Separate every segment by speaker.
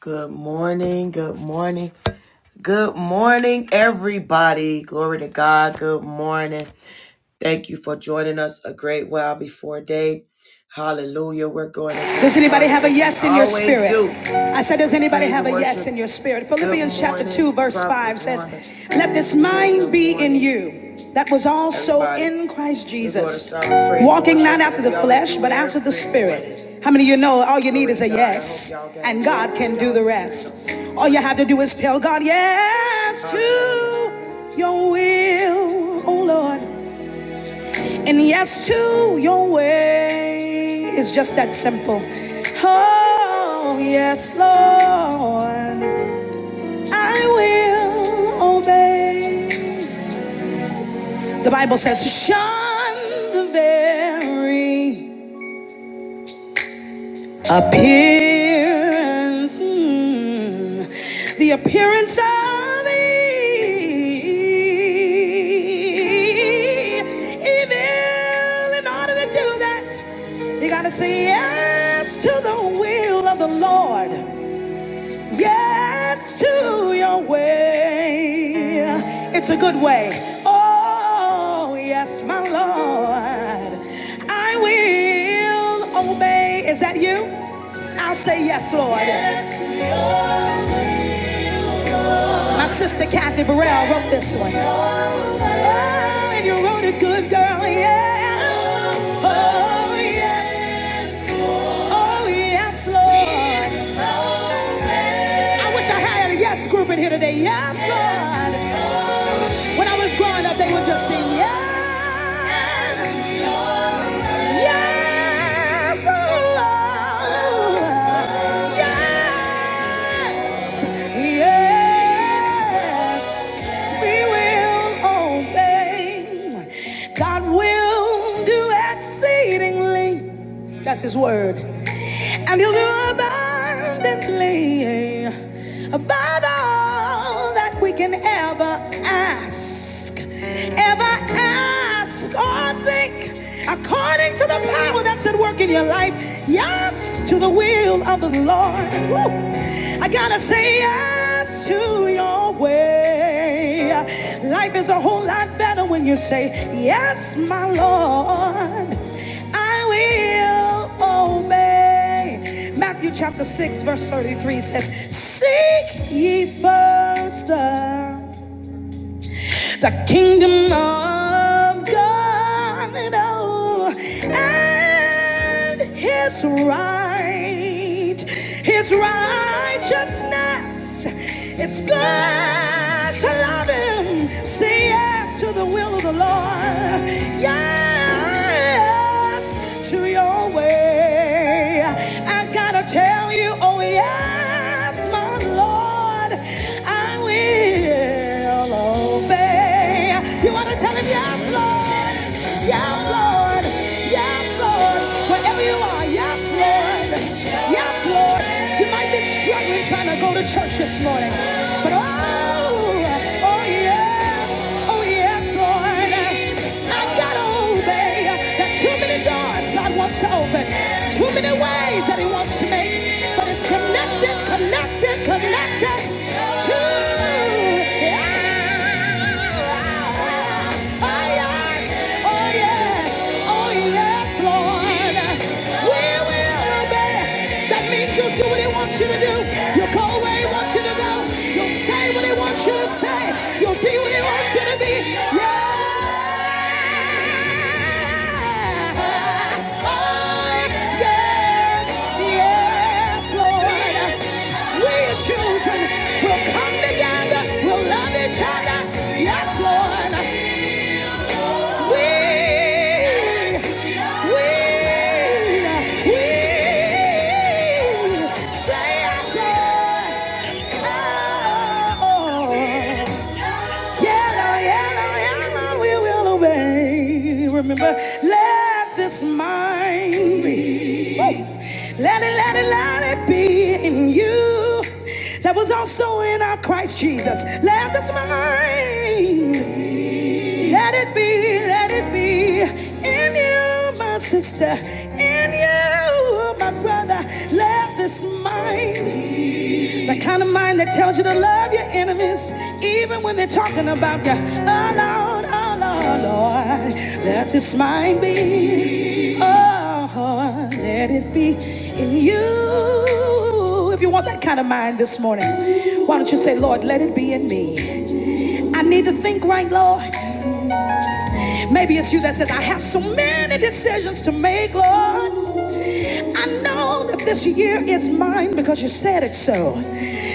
Speaker 1: Good morning. Good morning. Good morning, everybody. Glory to God. Good morning. Thank you for joining us a great while before day. Hallelujah. We're going to Does anybody have a yes in your spirit? do. I said, Does anybody Praise have and a worship. yes in your spirit? Philippians Good chapter 2, verse 5 says, Let this mind be in you that was also Everybody, in Christ Jesus, start with walking worship. not after the flesh, but after the spirit. How many of you know all you need is a yes, and God can do the rest? All you have to do is tell God, Yes, to your will, oh Lord. And yes to your way. It's just that simple. Oh, yes, Lord, I will obey. The Bible says, shun the very Appearance, mm, the appearance of e- evil. In order to do that, you gotta say yes to the will of the Lord. Yes to your way. It's a good way. Oh, yes, my Lord. I will obey. Is that you? I'll say yes, Lord. Yes, Lord. My sister Kathy Burrell wrote this one. Oh, and you wrote it good, girl. Yeah. Oh, yes. Oh, yes, Lord. I wish I had a yes group in here today. Yes, Lord. When I was growing up, they would just sing, Yes. Yes, oh, Lord. Yes. Yes. We will obey. God will do exceedingly. That's his word and he'll do abundantly above all that we can ever ask, ever ask or think, according to the power that's at work in your life. Yes, to the will of the Lord. Woo. I gotta say yes to your way. Life is a whole lot better when you say, Yes, my Lord, I will obey. Matthew chapter 6, verse 33 says, Seek ye first. the the kingdom of God and oh, and his right, his righteousness. It's good to love him. Say yes to the will of the Lord. Yes to your way. I gotta tell you, oh yes, my Lord, I will obey. You want to tell him, yes, Lord. Yes, Lord. Yes, Lord. Wherever you are, yes, Lord. Yes, Lord. You might be struggling trying to go to church this morning. But oh, oh yes, oh yes, Lord mine. I've got to obey. There are too many doors God wants to open, too many ways that He wants to make, but it's connected, connected, connected to. Ah, ah, yes, oh yes, oh yes, Lord. We will obey. That means you do what He wants you to do. You go where He wants you to go. You'll say what He wants you to say. You'll be what He wants you to be. Yeah. Oh, yes, yes, Lord. We are children. We'll come together. We'll love each other. Yes, Lord. Wait, wait, wait. Say I said, oh, yellow, yellow, yellow, we will obey. Remember, let this mind be. Woo. Let it, let it, let it be in you. That was also in our Christ Jesus. Let this mind. Let it be, let it be in you, my sister, in you, my brother. Let this mind, the kind of mind that tells you to love your enemies, even when they're talking about you. Oh Lord, oh Lord, Lord, let this mind be. Oh, let it be in you. If you want that kind of mind this morning, why don't you say, Lord, let it be in me? I need to think right, Lord. Maybe it's you that says, I have so many decisions to make, Lord. I know that this year is mine because you said it so.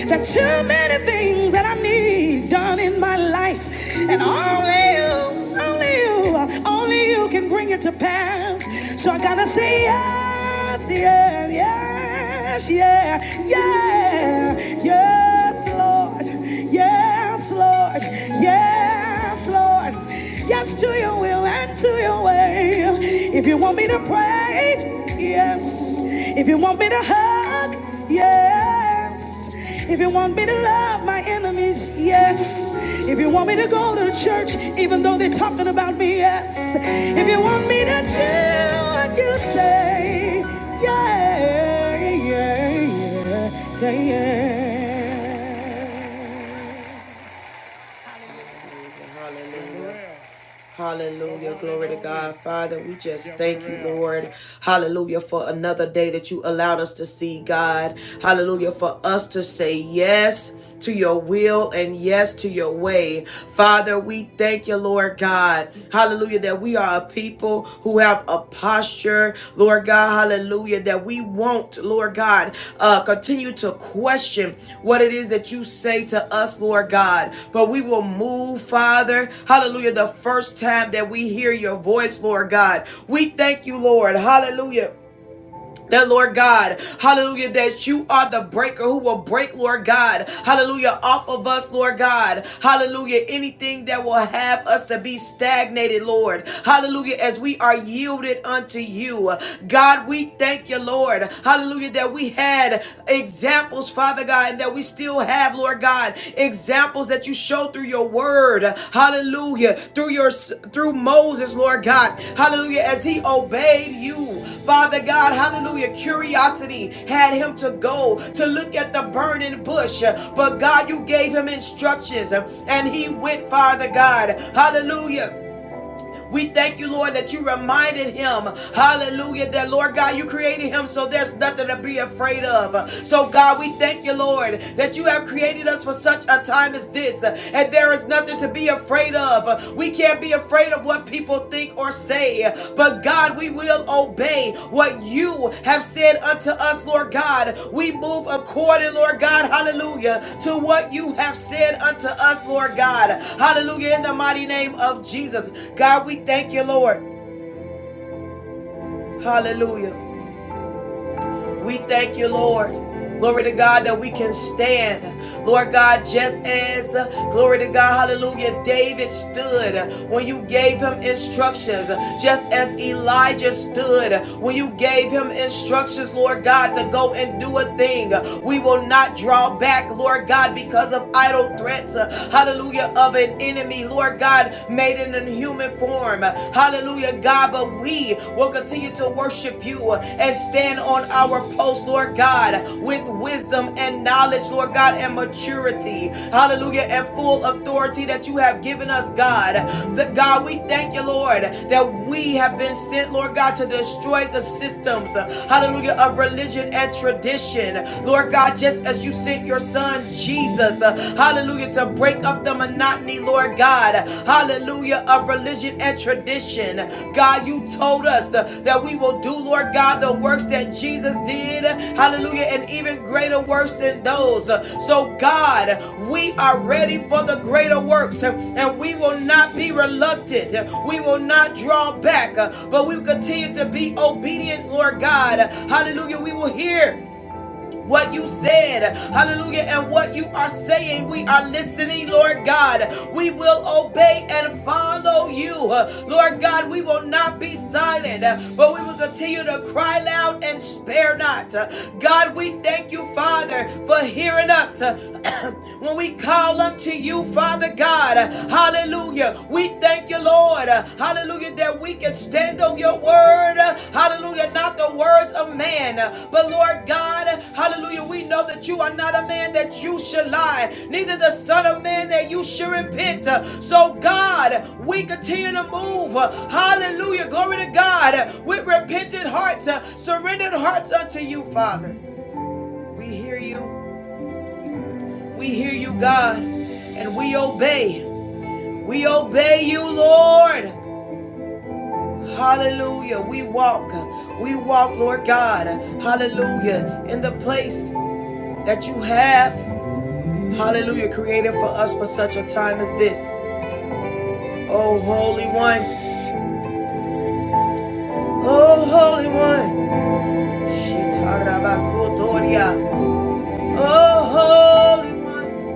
Speaker 1: There are too many things that I need done in my life. And only you, only you, only you can bring it to pass. So I gotta say yes, yeah, yes, yeah, yeah, yes, Lord. Yes, Lord. Yes, Lord. Yes, to your will and to your way. If you want me to pray, yes. If you want me to hug, yes. If you want me to love my enemies, yes. If you want me to go to church, even though they're talking about me, yes. If you want me to do what you say, yeah, yeah, yeah, yeah. yeah. Hallelujah. Hallelujah. Glory to God. Father, we just thank you, Lord. Hallelujah for another day that you allowed us to see, God. Hallelujah for us to say yes to your will and yes to your way. Father, we thank you, Lord God. Hallelujah that we are a people who have a posture, Lord God, hallelujah, that we won't, Lord God, uh, continue to question what it is that you say to us, Lord God. But we will move, Father, hallelujah, the first time that we hear your voice, Lord God. We thank you, Lord, hallelujah that Lord God, hallelujah, that you are the breaker who will break, Lord God, hallelujah, off of us, Lord God, hallelujah, anything that will have us to be stagnated, Lord, hallelujah, as we are yielded unto you, God, we thank you, Lord, hallelujah, that we had examples, Father God, and that we still have, Lord have, Lord God, examples that you show through your word. Hallelujah. Through your through Moses, Lord God. Hallelujah. As he obeyed you, Father God, hallelujah. Curiosity had him to go to look at the burning bush. But God, you gave him instructions and he went, Father God. Hallelujah we thank you, Lord, that you reminded him, hallelujah, that Lord God, you created him so there's nothing to be afraid of. So, God, we thank you, Lord, that you have created us for such a time as this, and there is nothing to be afraid of. We can't be afraid of what people think or say, but God, we will obey what you have said unto us, Lord God. We move according, Lord God, hallelujah, to what you have said unto us, Lord God, hallelujah, in the mighty name of Jesus. God, we thank you, Lord, hallelujah. We thank you, Lord. Glory to God that we can stand. Lord God, just as, uh, glory to God, hallelujah, David stood when you gave him instructions, just as Elijah stood when you gave him instructions, Lord God, to go and do a thing. We will not draw back, Lord God, because of idle threats, uh, hallelujah, of an enemy, Lord God, made in a human form. Hallelujah. Hallelujah, God. But we will continue to worship you and stand on our post, Lord God, with wisdom and knowledge, Lord God, and maturity. Hallelujah, and full authority that you have given us, God. The, God, we thank you, Lord, that we have been sent, Lord God, to destroy the systems, hallelujah, of religion and tradition. Lord God, just as you sent your son Jesus, hallelujah, to to break up the monotony, Lord God. Hallelujah, of religion and tradition. God, you told us uh, that we will do, Lord God, the works that Jesus did. Hallelujah, and even greater works than those. So, God, we are ready for the greater works uh, and we will not be reluctant. We will not draw back, uh, but we will continue to be obedient, Lord God. Hallelujah, we will hear what you said, hallelujah, and what you are saying. We are listening, Lord God. We will obey and follow you, Lord God. We will not be silent, but we will continue to cry loud and spare not. God, we thank you, Father, for hearing us when we call unto you, Father God. Hallelujah. We thank Thank you, Lord. Uh, Hallelujah, that we can stand on your word. Uh, Hallelujah, not the words of man. Uh, But Lord God, uh, hallelujah, we know that you are not a man that you should lie, neither the son of man that you should repent. Uh, So God, we continue to move. Uh, Hallelujah, glory to God, uh, with repentant hearts, uh, surrendered hearts unto you, Father. We hear you. We hear you, God, and we obey. We obey you, Lord. Hallelujah. We walk. We walk, Lord God. Hallelujah. In the place that you have. Hallelujah. Created for us for such a time as this. Oh, Holy One. Oh, Holy One. Shitarabakotoria. Oh, Holy One.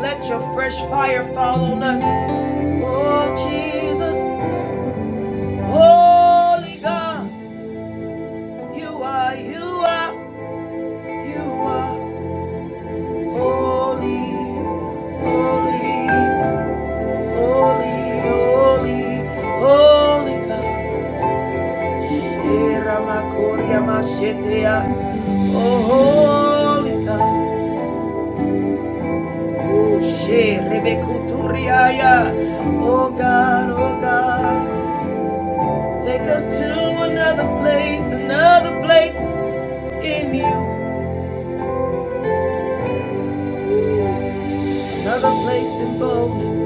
Speaker 1: Let your fresh fire fall on us. Oh, Jesus. Holy God. You are, you are, you are. Holy, holy, holy, holy, holy God. Shira makoria mashetea. Oh, holy God. Oh, sherebekuturiaya. Oh God, oh God. Take us to another place, another place in you. Another place in boldness.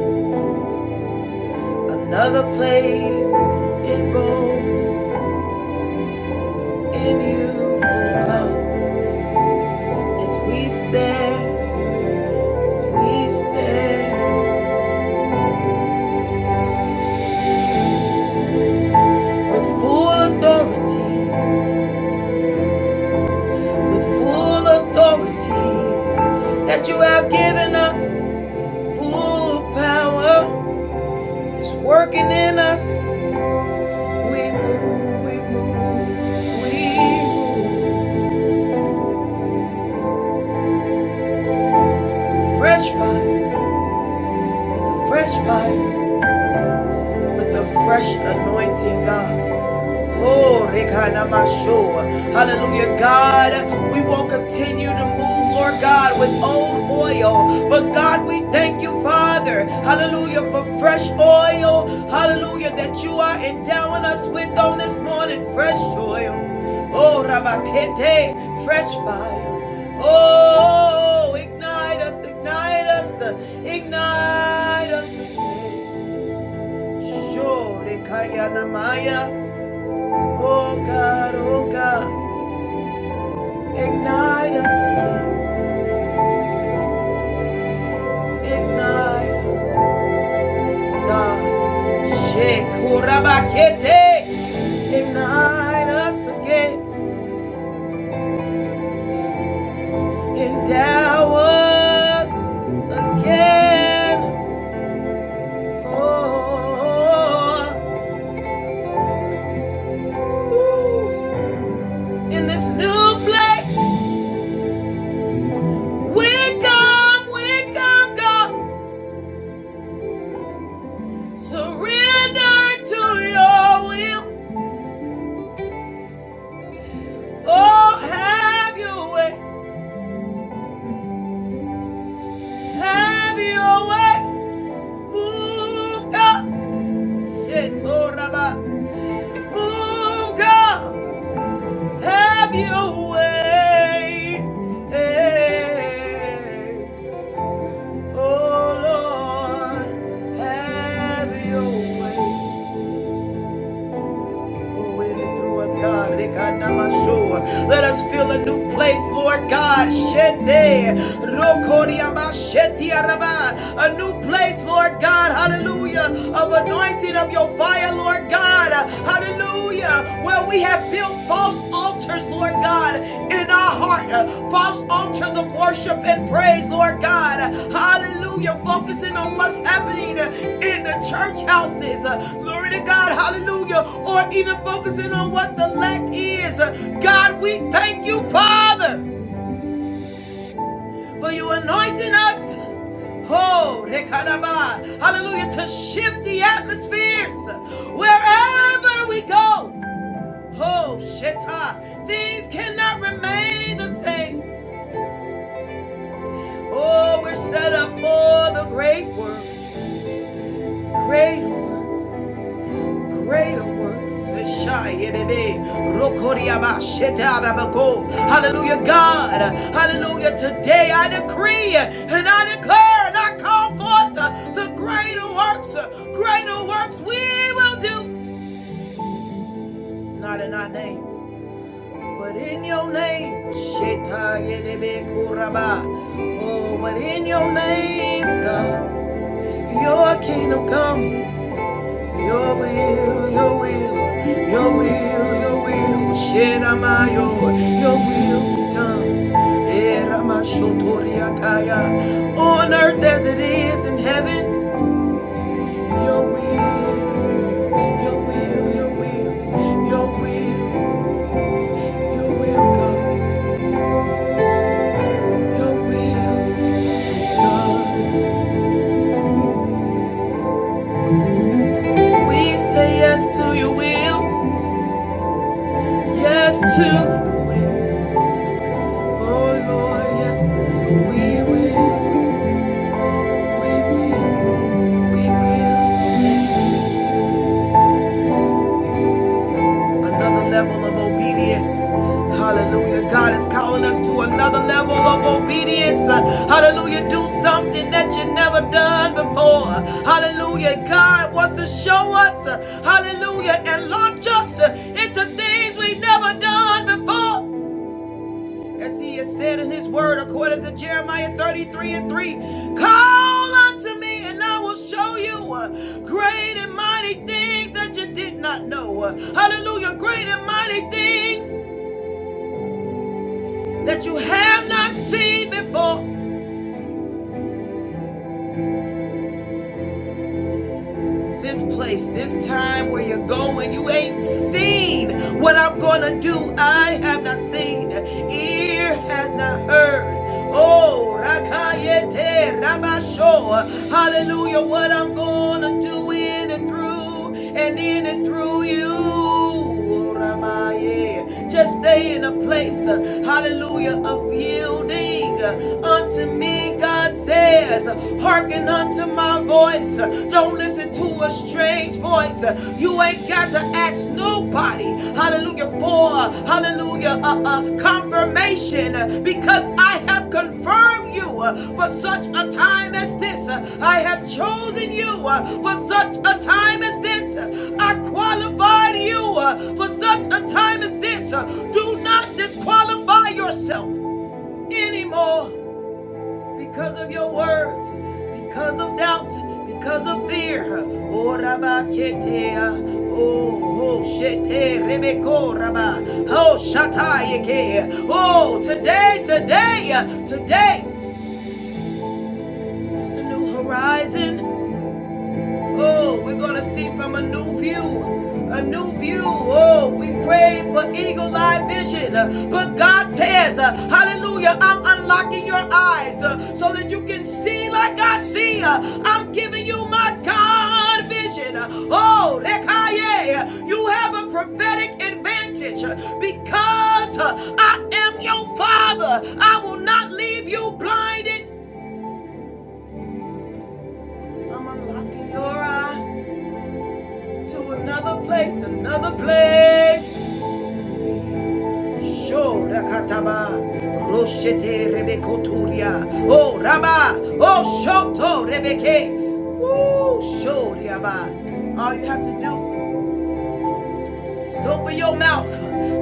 Speaker 1: Another place in boldness. and you will come as we stand, as we stand with full authority, with full authority that you have given us, full power is working in us. We move, we move, we move, with fresh fire, with the fresh fire, with the fresh anointing, God. Oh, Rekanamasho. Hallelujah, God. We won't continue to move, Lord God, with old oil. But God, we thank you, Father. Hallelujah, for fresh oil. Hallelujah, that you are endowing us with on this morning. Fresh oil. Oh, Rabakete. Fresh fire. Oh, ignite us, ignite us, ignite us. again. Sure, Maya. Oh God, oh God, ignite us again, ignite us, God. Shake Urabakete, ignite us again, endow us again, oh, Ooh. in this new place. We come, we come, God, surrender to your will. Oh, have your way. Have your way. Move, God. Shetoraba. Move, God. Have your way. Hey. Oh, Lord. Have your way. Move in and through us, God. Rekadamasho. Let us feel a new place, Lord God. Shete. Rokodiamasheti araba. A new place, Lord God. Hallelujah. Of anointing of your fire, Lord God. Hallelujah. Where we have built false altars, Lord God In our heart, uh, false altars of worship and praise, Lord God. Hallelujah. Focusing on what's happening uh, in the church houses. Uh, Glory to God. Hallelujah. Or even focusing on what the lack is. Uh, God, we thank you, Father, for you anointing us. Oh, rekaraba. hallelujah, to shift the atmospheres wherever we go. Oh, Sheta, things cannot remain the same. Oh, we're set up for the great works, greater works, greater works. Hallelujah, God. Hallelujah. Today I decree and I declare and I call forth the, the greater works, greater works we will do. Not in our name, but in your name. Oh, but in your name, God. Your kingdom come, your will, your will, your will, your will, Shenamayo, your will be done. Eramashotoriakaya. On earth as it is in heaven, your will, your will, your will, your will, your will come, your will done. We say yes to your will, yes to your will. Oh Lord, yes, we will, we will, we will. Another level of obedience. Hallelujah. God is calling us to another level of obedience. Hallelujah. Do something that you never done before. Hallelujah. God wants to show us. Hallelujah. And launch us into things we never done before. As he has said in his word, according to Jeremiah 33 and 3, call unto me, and I will show you uh, great and mighty things that you did not know. Uh, Hallelujah. Great and mighty things that you have not seen before. this place, this time where you're going. You ain't seen what I'm gonna do. I have not seen, ear has not heard. Oh, Rakayete Rabasho. Hallelujah, what I'm gonna do in and through it through and in it through you. Oh, Just stay in a place, uh, hallelujah, of yielding uh, unto me. God says, hearken unto my voice. Uh, Don't listen to a strange voice. Uh, You ain't got to ask nobody, hallelujah, for, hallelujah, a, a confirmation uh, because I have have confirmed you uh, for such a time as this. Uh, I have chosen you uh, for such a time as this. Uh, I qualified you uh, for such a time as this. Uh, Do not disqualify yourself anymore because of your words, because of doubt, because of fear. Oh, rabaketea, Oh, oh, Shete Rebeko Rabba. Oh, Shatayeke. Oh, today, today, uh, today. It's a new horizon. Oh, we're going to see from a new view. A new view. Oh, we prayed for eagle eye vision. Uh, But God says, uh, Hallelujah, I'm unlocking your eyes uh, so that you can see like I see. Uh, I'm giving you my God vision. Uh, Oh, Rekaye, you have a prophetic advantage uh, because uh, I am your father. I will not leave you blinded. I'm unlocking your eyes. to another place, another place. Sho rakataba, roshete rebekoturia, oh rabba, oh shoto rebeke, oh shoriaba. All you have to do So open your mouth.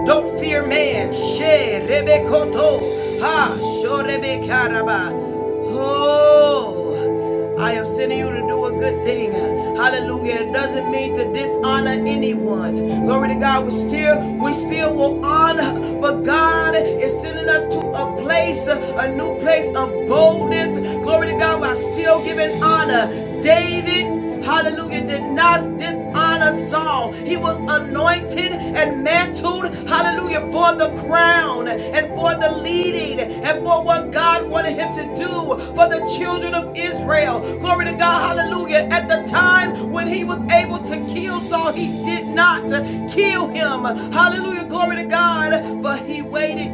Speaker 1: Don't fear man. She rebekoto. Ha shorebekaraba. Oh, I am sending you to do a good thing. Hallelujah. It doesn't mean to dishonor anyone. Glory to God. We still, we still will honor, but God is sending us to a place, a new place of boldness. Glory to God. While still giving honor. David hallelujah, did not dishonor Saul. He was anointed and mantled, hallelujah, for the crown and for the leading and for what God wanted him to do for the children of Israel. Glory to God, hallelujah. At the time when he was able to kill Saul, he did not kill him. Hallelujah, glory to God. But he waited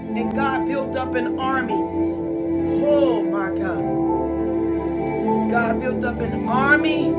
Speaker 1: and God built up an army. Oh my God. God built up an army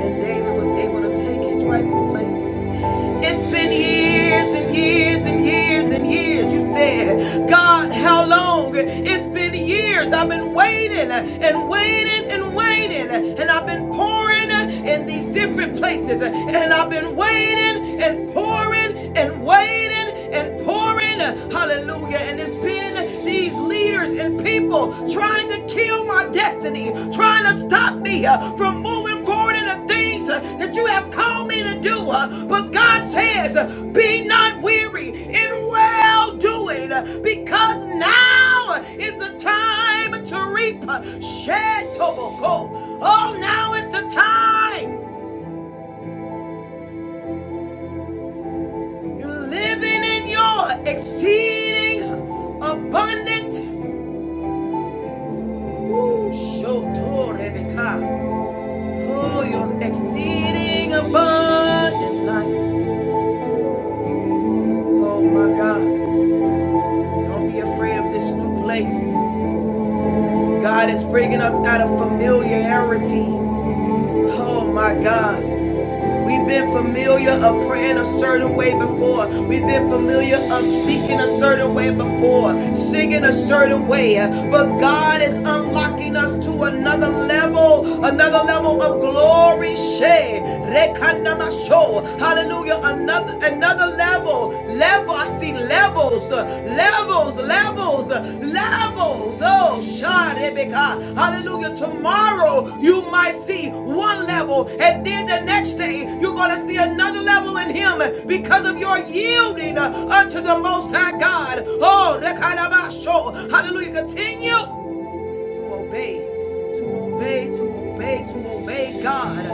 Speaker 1: And David was able to take his rightful place. It's been years and years and years and years. You said, God, how long? It's been years. I've been waiting and waiting and waiting. And I've been pouring in these different places. And I've been waiting and pouring and waiting and pouring, hallelujah. And it's been these leaders and people trying to kill my destiny, trying to stop me uh, from moving forward in the things uh, that you have called me to do. uh, But God says, uh, be not weary in well doing, uh, because now is the time to reap. Shed toboko. Oh, now is the time. You're living in your exceeding abundant Ooh, Shoto Rebecca. Oh, you're exceeding abundant life. Oh my God. Don't be afraid of this new place. God is bringing us out of familiarity. Oh my God. We've been familiar of praying a certain way before. We've been familiar of speaking a certain way before, singing a certain way. But God is unlocking us to another level, another level of glory. She, rekanamasho. Hallelujah. Another another level. Level. I see see levels, uh, levels, levels, uh, levels. Oh, Sharebeka. Hallelujah. Tomorrow you might see one level, and then the next day you're going to see another level in Him because of your yielding uh, unto the Most High God. Oh, Rekarabasho. Hallelujah. Continue to obey, to obey, to obey, to obey God.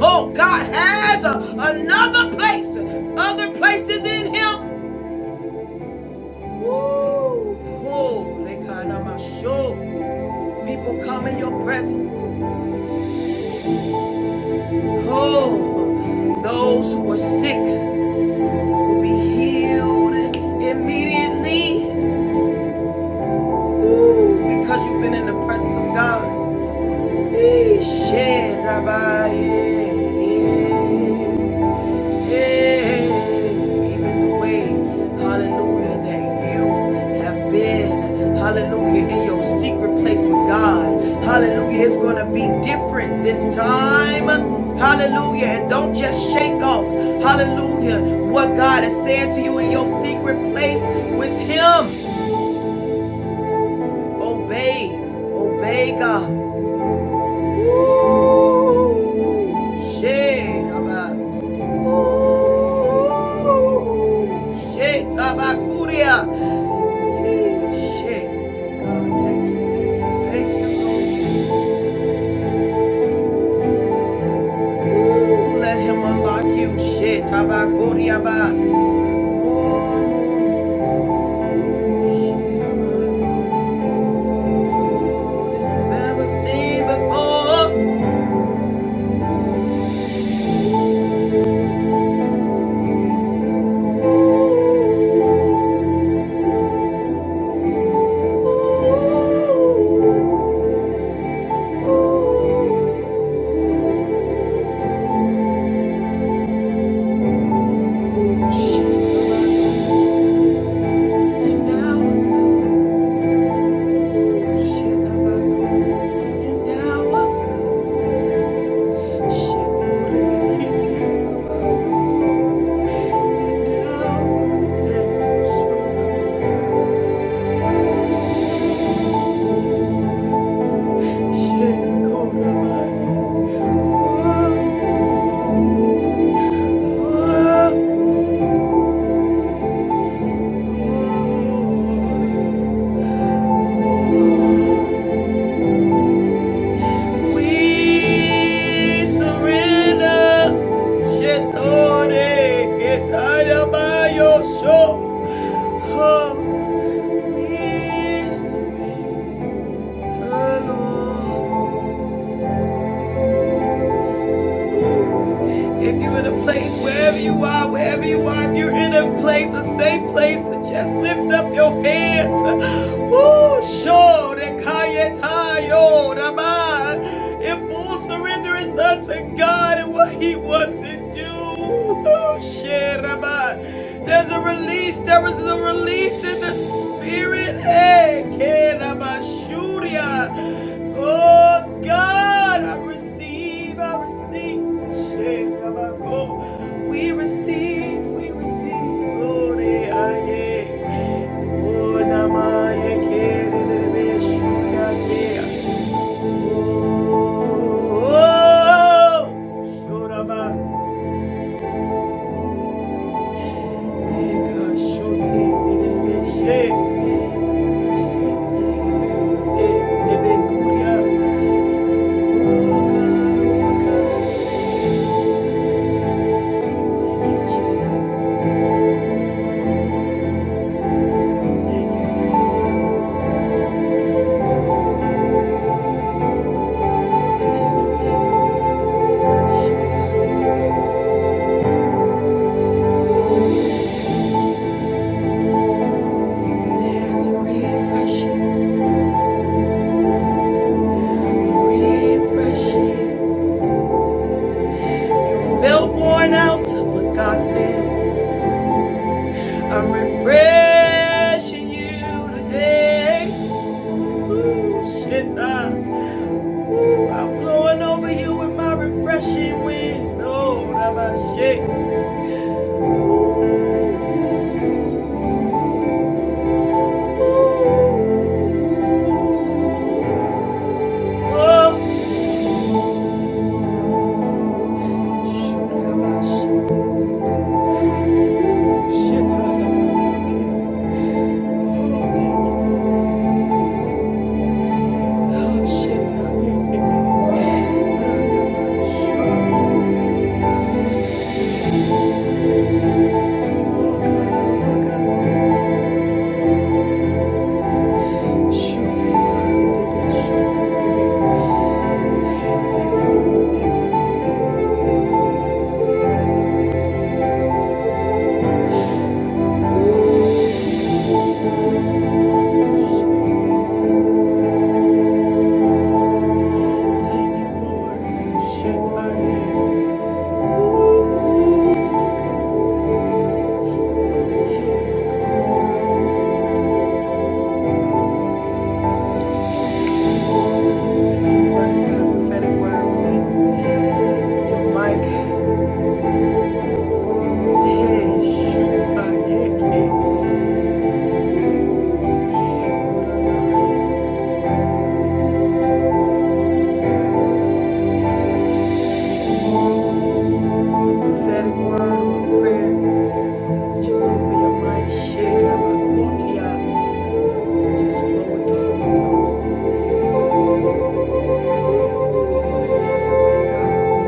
Speaker 1: Oh, God has another place, other places in Him. Woo! Oh, People come in your presence. Oh, those who were sick will be healed immediately. Woo! Because you've been in the presence of God. Even the way, hallelujah, that you have been, hallelujah, in your secret place with God, hallelujah, it's going to be different this time, hallelujah, and don't just shake off, hallelujah, what God is saying to you in your secret place with Him. Obey, obey God. Ooh, shit, about- Ooh, shit, tabacuria. Hey, shit. God, thank you, thank you, thank you, Lord. Ooh, let him unlock you. Shit, tabacuria, ba. Ooh, shit, about- than you've ever seen before. Ooh, ooh, ooh. And I was good. Shit, I could. And I was good. Shit, I really can't tell about And I was good. Shit, go to my- Oh, oh, oh. We surrender. Shetore Getaya by your Oh, we surrender, Lord. If you're in a place, wherever you are, wherever you are, if you're in a place, a safe place, just lift up your hands. Woo, sure, rekayetayo, rama. In full surrender is unto God and what He wants to do. Woo, share, rama. There's a release. There is a release in this. Spirit, hey, Kenabashuria. Oh God, I receive, I receive. Shekabako. We receive, we receive. Glory, aye. Oh, namaye, kerebe, shuria, ke. Oh, shoraba, eka, shote, kerebe, she. Please, please, eh, tebe, kuria. Felt worn out, but God says, I'm refreshing you today. Ooh, shit, ah. Ooh, I'm blowing over you with my refreshing wind. Oh, that my shit. Thank you, Lord. Shit, I am. Ooh, ooh. Anybody got a prophetic word release? Your mic. Yeah, shoot, I yeah, yeah. Shoot, A prophetic word or prayer. Just open your mic. Shit, i Just flow with the Holy Ghost. Have your way, God.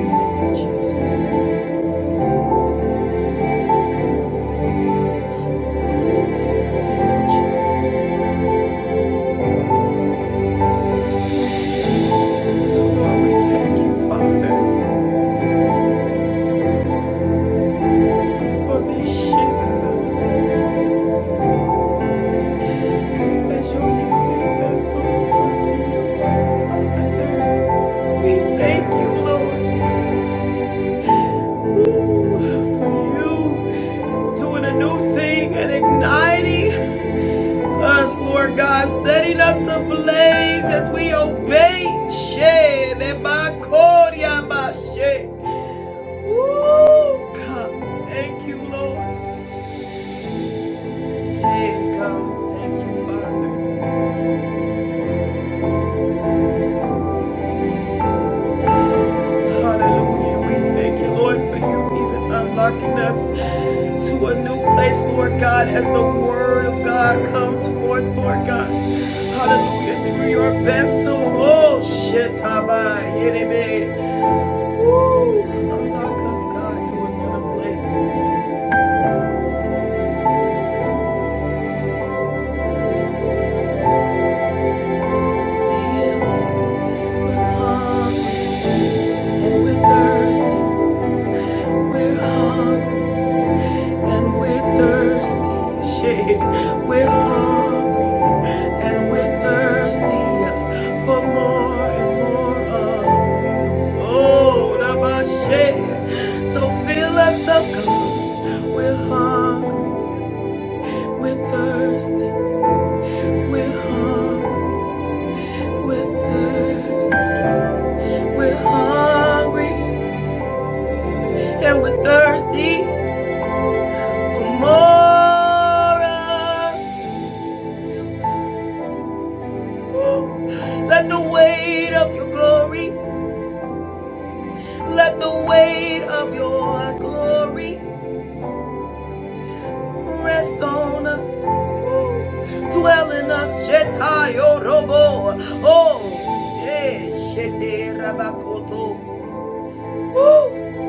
Speaker 1: Thank you, Jesus. Thank you, Jesus. So, Lord, we thank you, Father, for this shift, God. Let your yielding vessels yield to you, Lord Father. We thank you, Lord, for you doing a new thing and igniting us, Lord God, setting us ablaze as we obey. Shed Woo, God, thank you, Lord. Hey, God, thank you, Father. Hallelujah. We thank you, Lord, for you even unlocking us to a new place, Lord God, as the word of God comes forth, Lord God. Hallelujah. Through your vessel. Oh, shit. Woo. Unlock us, God, to another place. We're hungry and we're thirsty. We're hungry. And we're thirsty, shit. We're hungry and we're thirsty uh, for more and more of you. Oh, that my shit. So fill us up, God. We're hungry, we're thirsty, we're hungry, we're thirsty, we're hungry and we're thirsty for more. of You. Let the weight of your glory, let the weight of your glory rest on us. Dwell in us, Shetayo Robo. Oh, eh, Shete Rabakoto. Woo,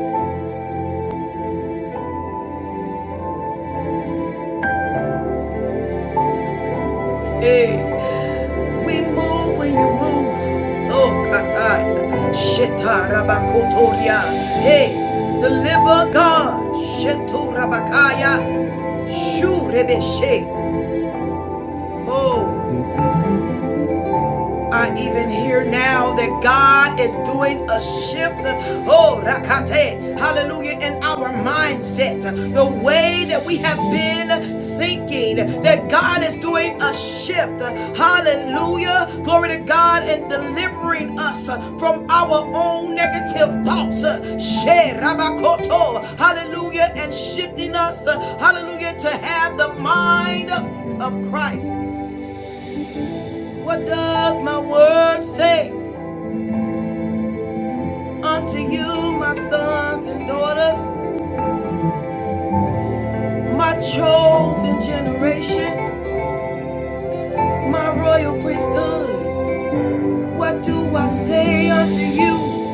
Speaker 1: eh. We move when you move. Oh, Kataya. Sheta Rabakotoria. Hey, deliver God. Shetu Rabakaya. Shurebeshe. Oh, I even hear now that God is doing a shift. Oh, rakate, hallelujah, in our mindset. The way that we have been thinking that God is doing a shift. Hallelujah. Glory to God and delivering us from our own negative thoughts. She rabakoto. Hallelujah. And shifting us, hallelujah, to have the mind of Christ. What does my word say unto you, my sons and daughters, my chosen generation, my royal priesthood? What do I say unto you?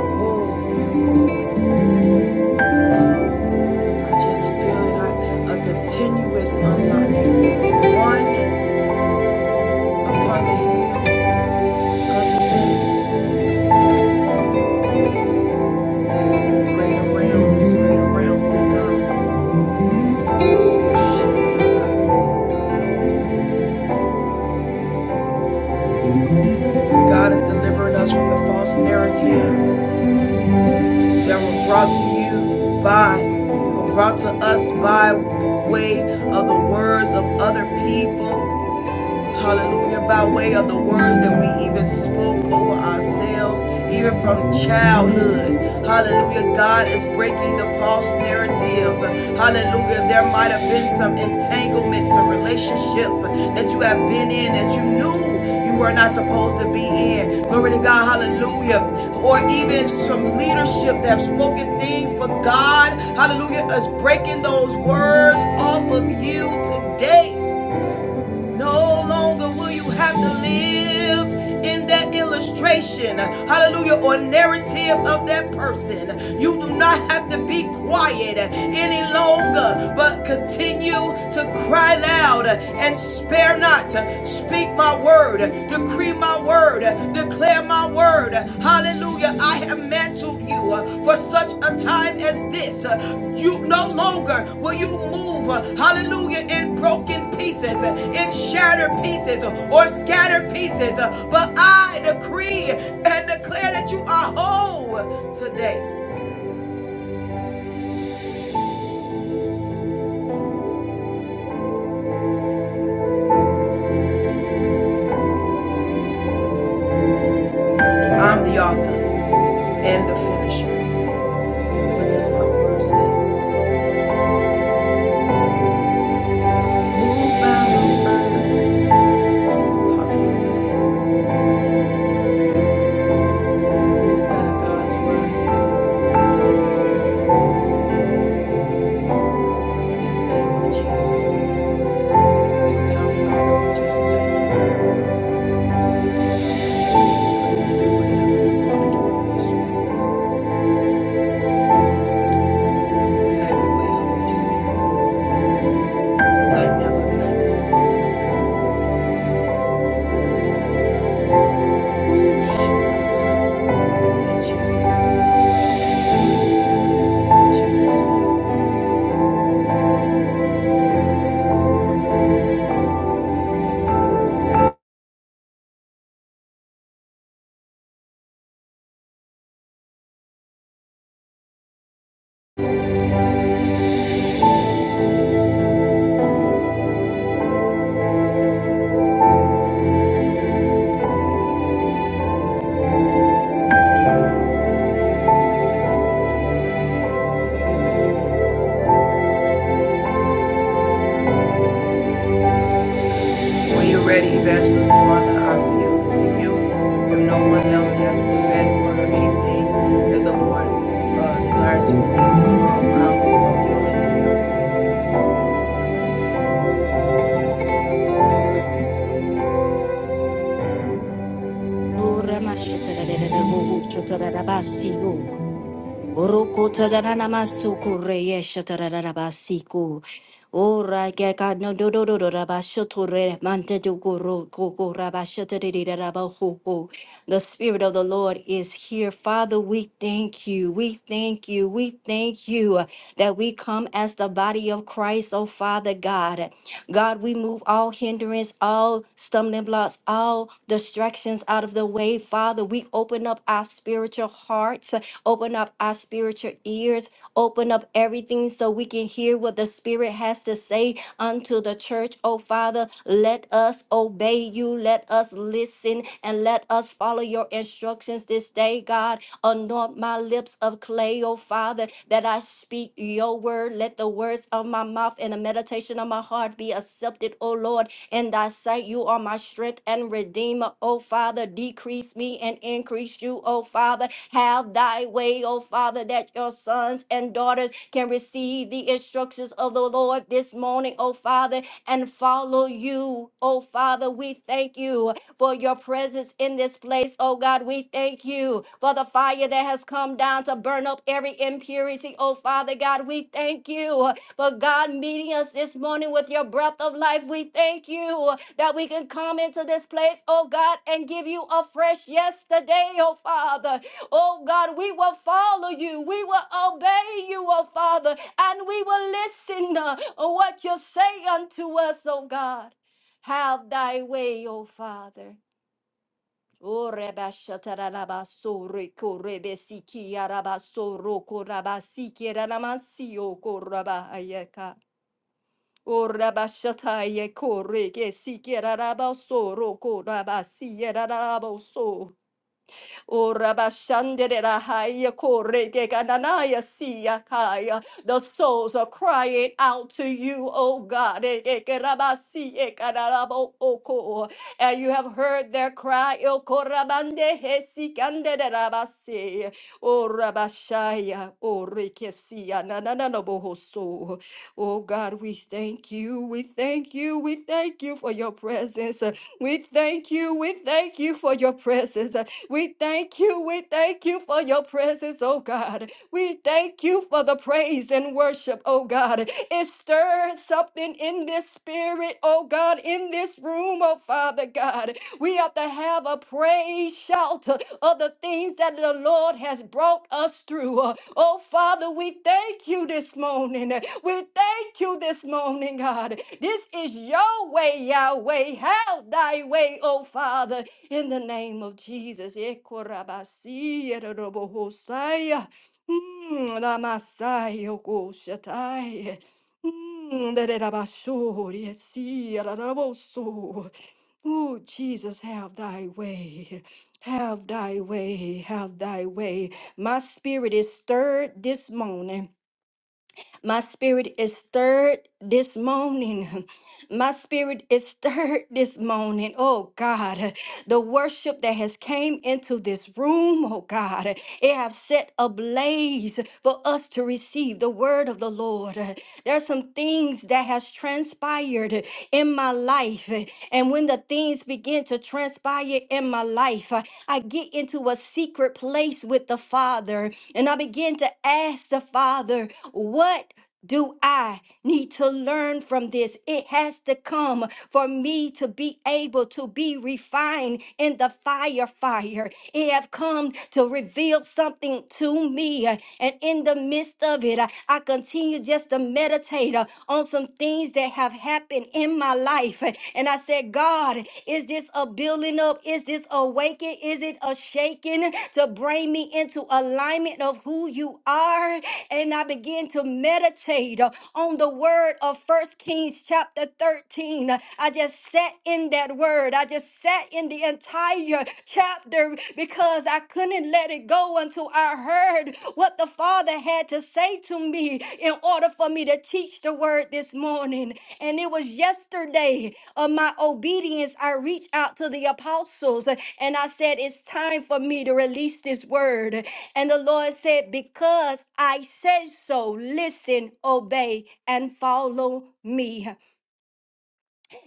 Speaker 1: Oh, I just feel like a continuous unlocking, one upon the hill of this greater realms, greater realms in God. Oh, shit. God God is delivering us from the false narratives. that were brought to you by, or brought to us by way of the words of other people. Hallelujah. By way of the words that we even spoke over ourselves, even from childhood. Hallelujah. God is breaking the false narratives. Hallelujah. There might have been some entanglements, some relationships that you have been in that you knew you were not supposed to be in. Glory to God. Hallelujah. Or even some leadership that have spoken things, but God, hallelujah, is breaking those words off of you today. No longer will you have to live in that illustration, hallelujah, or narrative of that person. You do not have to be quiet any longer, but continue to cry loud and spare not. Speak my word, decree my word, declare my word. Hallelujah. I have mantled you uh, for such a time as this. Uh, You no longer will you move, uh, hallelujah, in broken pieces, uh, in shattered pieces, uh, or scattered pieces. uh, But I decree and declare that you are whole today. I'm the author and the finisher. What does my word say? Move by my word. Hallelujah. Move by God's word in the name of Jesus. So now, Father, we just thank you, Lord, for to do whatever you're to do in this week. Have your way, Holy Spirit, like never before. Ooh, sure. In Jesus' name, Jesus' name. To Evangelist Wanda. When you're ready, Evangelist Wanda, I'm yielding to you. If no one else has a prophetic word or anything that the Lord uh, desires to release in the room, I'm, I'm yielding to you.
Speaker 2: Oramashatarabasiyo. Orokotadanamasokore-yeshatarabasiku. Oragekadnodododorabashotore mantedogorogorabashatarabahoko. The Spirit of the Lord is here. Father, we thank you. We thank you. We thank you uh, that we come as the body of Christ, oh Father God. God, we move all hindrance, all stumbling blocks, all distractions out of the way way, Father. We open up our spiritual hearts, uh, open up our spiritual ears, open up everything so we can hear what the Spirit has to say unto the church. Oh, Father, let us obey you. Let us listen and let us follow your instructions this day, God. Anoint my lips of clay, oh, Father, that I speak your word word. Let the words of my mouth and the meditation of my heart be accepted, O Lord, in thy sight. You are my strength and redeemer, O Father. Decrease me and increase you, O Father. Have thy way, O Father, that your sons and daughters can receive the instructions of the Lord this morning, O Father, and follow you, O Father. We thank you for your presence in this place, oh God. We thank you for the fire that has come down to burn up every impurity, oh Father God. We thank you for God meeting us this morning with your breath of life. We thank you that we can come into this place, oh God, and give you a fresh yes today, oh Father. Oh God, we will follow you. We will obey you, oh Father, and we will listen uh, what you say unto us, oh God. Have thy way, O Father. O rebashatarabaso reko rebesiki arabaso roko rabasiki ramasio koraba ayeka. O rabashataye korege siki arabaso roko rabasi arabaso. O rabashandera haya korege gananaya siya kaya. The souls are crying out to you, O God. Eke rabasi ekarabo oko. And you have heard their cry. O korabande hesi rabasi. O rabashaya o rekesia nananano Oh God, we thank you. We thank you. We thank you for your presence. We thank you. We thank you for your presence. We thank you. We thank you for your presence, oh God. We thank you for the praise and worship, oh God. It stirred something in this spirit, oh God, in this room, oh Father God. We have to have a praise shout of the things that the Lord has brought us through. Oh Father, we thank you this morning. We thank you this morning, God. This is your way, Yahweh. Have thy way, oh Father. In the name of Jesus. Ekorabasiya robohosaya. Mm, Ramasaya goshataya. Mm, dererabashori esiya raraboso. Oh, Jesus, have thy way. Have thy way. Have thy way. My spirit is stirred this morning. My spirit is stirred this morning. My spirit is stirred this morning. Oh God, the worship that has came into this room, oh God, it have set ablaze for us to receive the word of the Lord. There's some things that has transpired in my life. And when the things begin to transpire in my life, I get into a secret place with the Father. And I began to ask the Father, what? do I need to learn from this? It has to come for me to be able to be refined in the fire fire. It have come to reveal something to me. uh, And in the midst of it, I I continue just to meditate uh, on some things that have happened in my life. Uh, And I said, God, is this a building up? Is this a waking? Is it a shaking to bring me into alignment of who you are? word and I began to meditate uh, on the word of First Kings chapter 13. I just sat in that word. I just sat in the entire chapter because I couldn't let it go until I heard what the Father had to say to me in order for me to teach the word this morning. And it was yesterday of my obedience, I reached out to the apostles uh, and I said, It's time for me to release this word. And the Lord said, Because I said so, listen, obey, and follow me.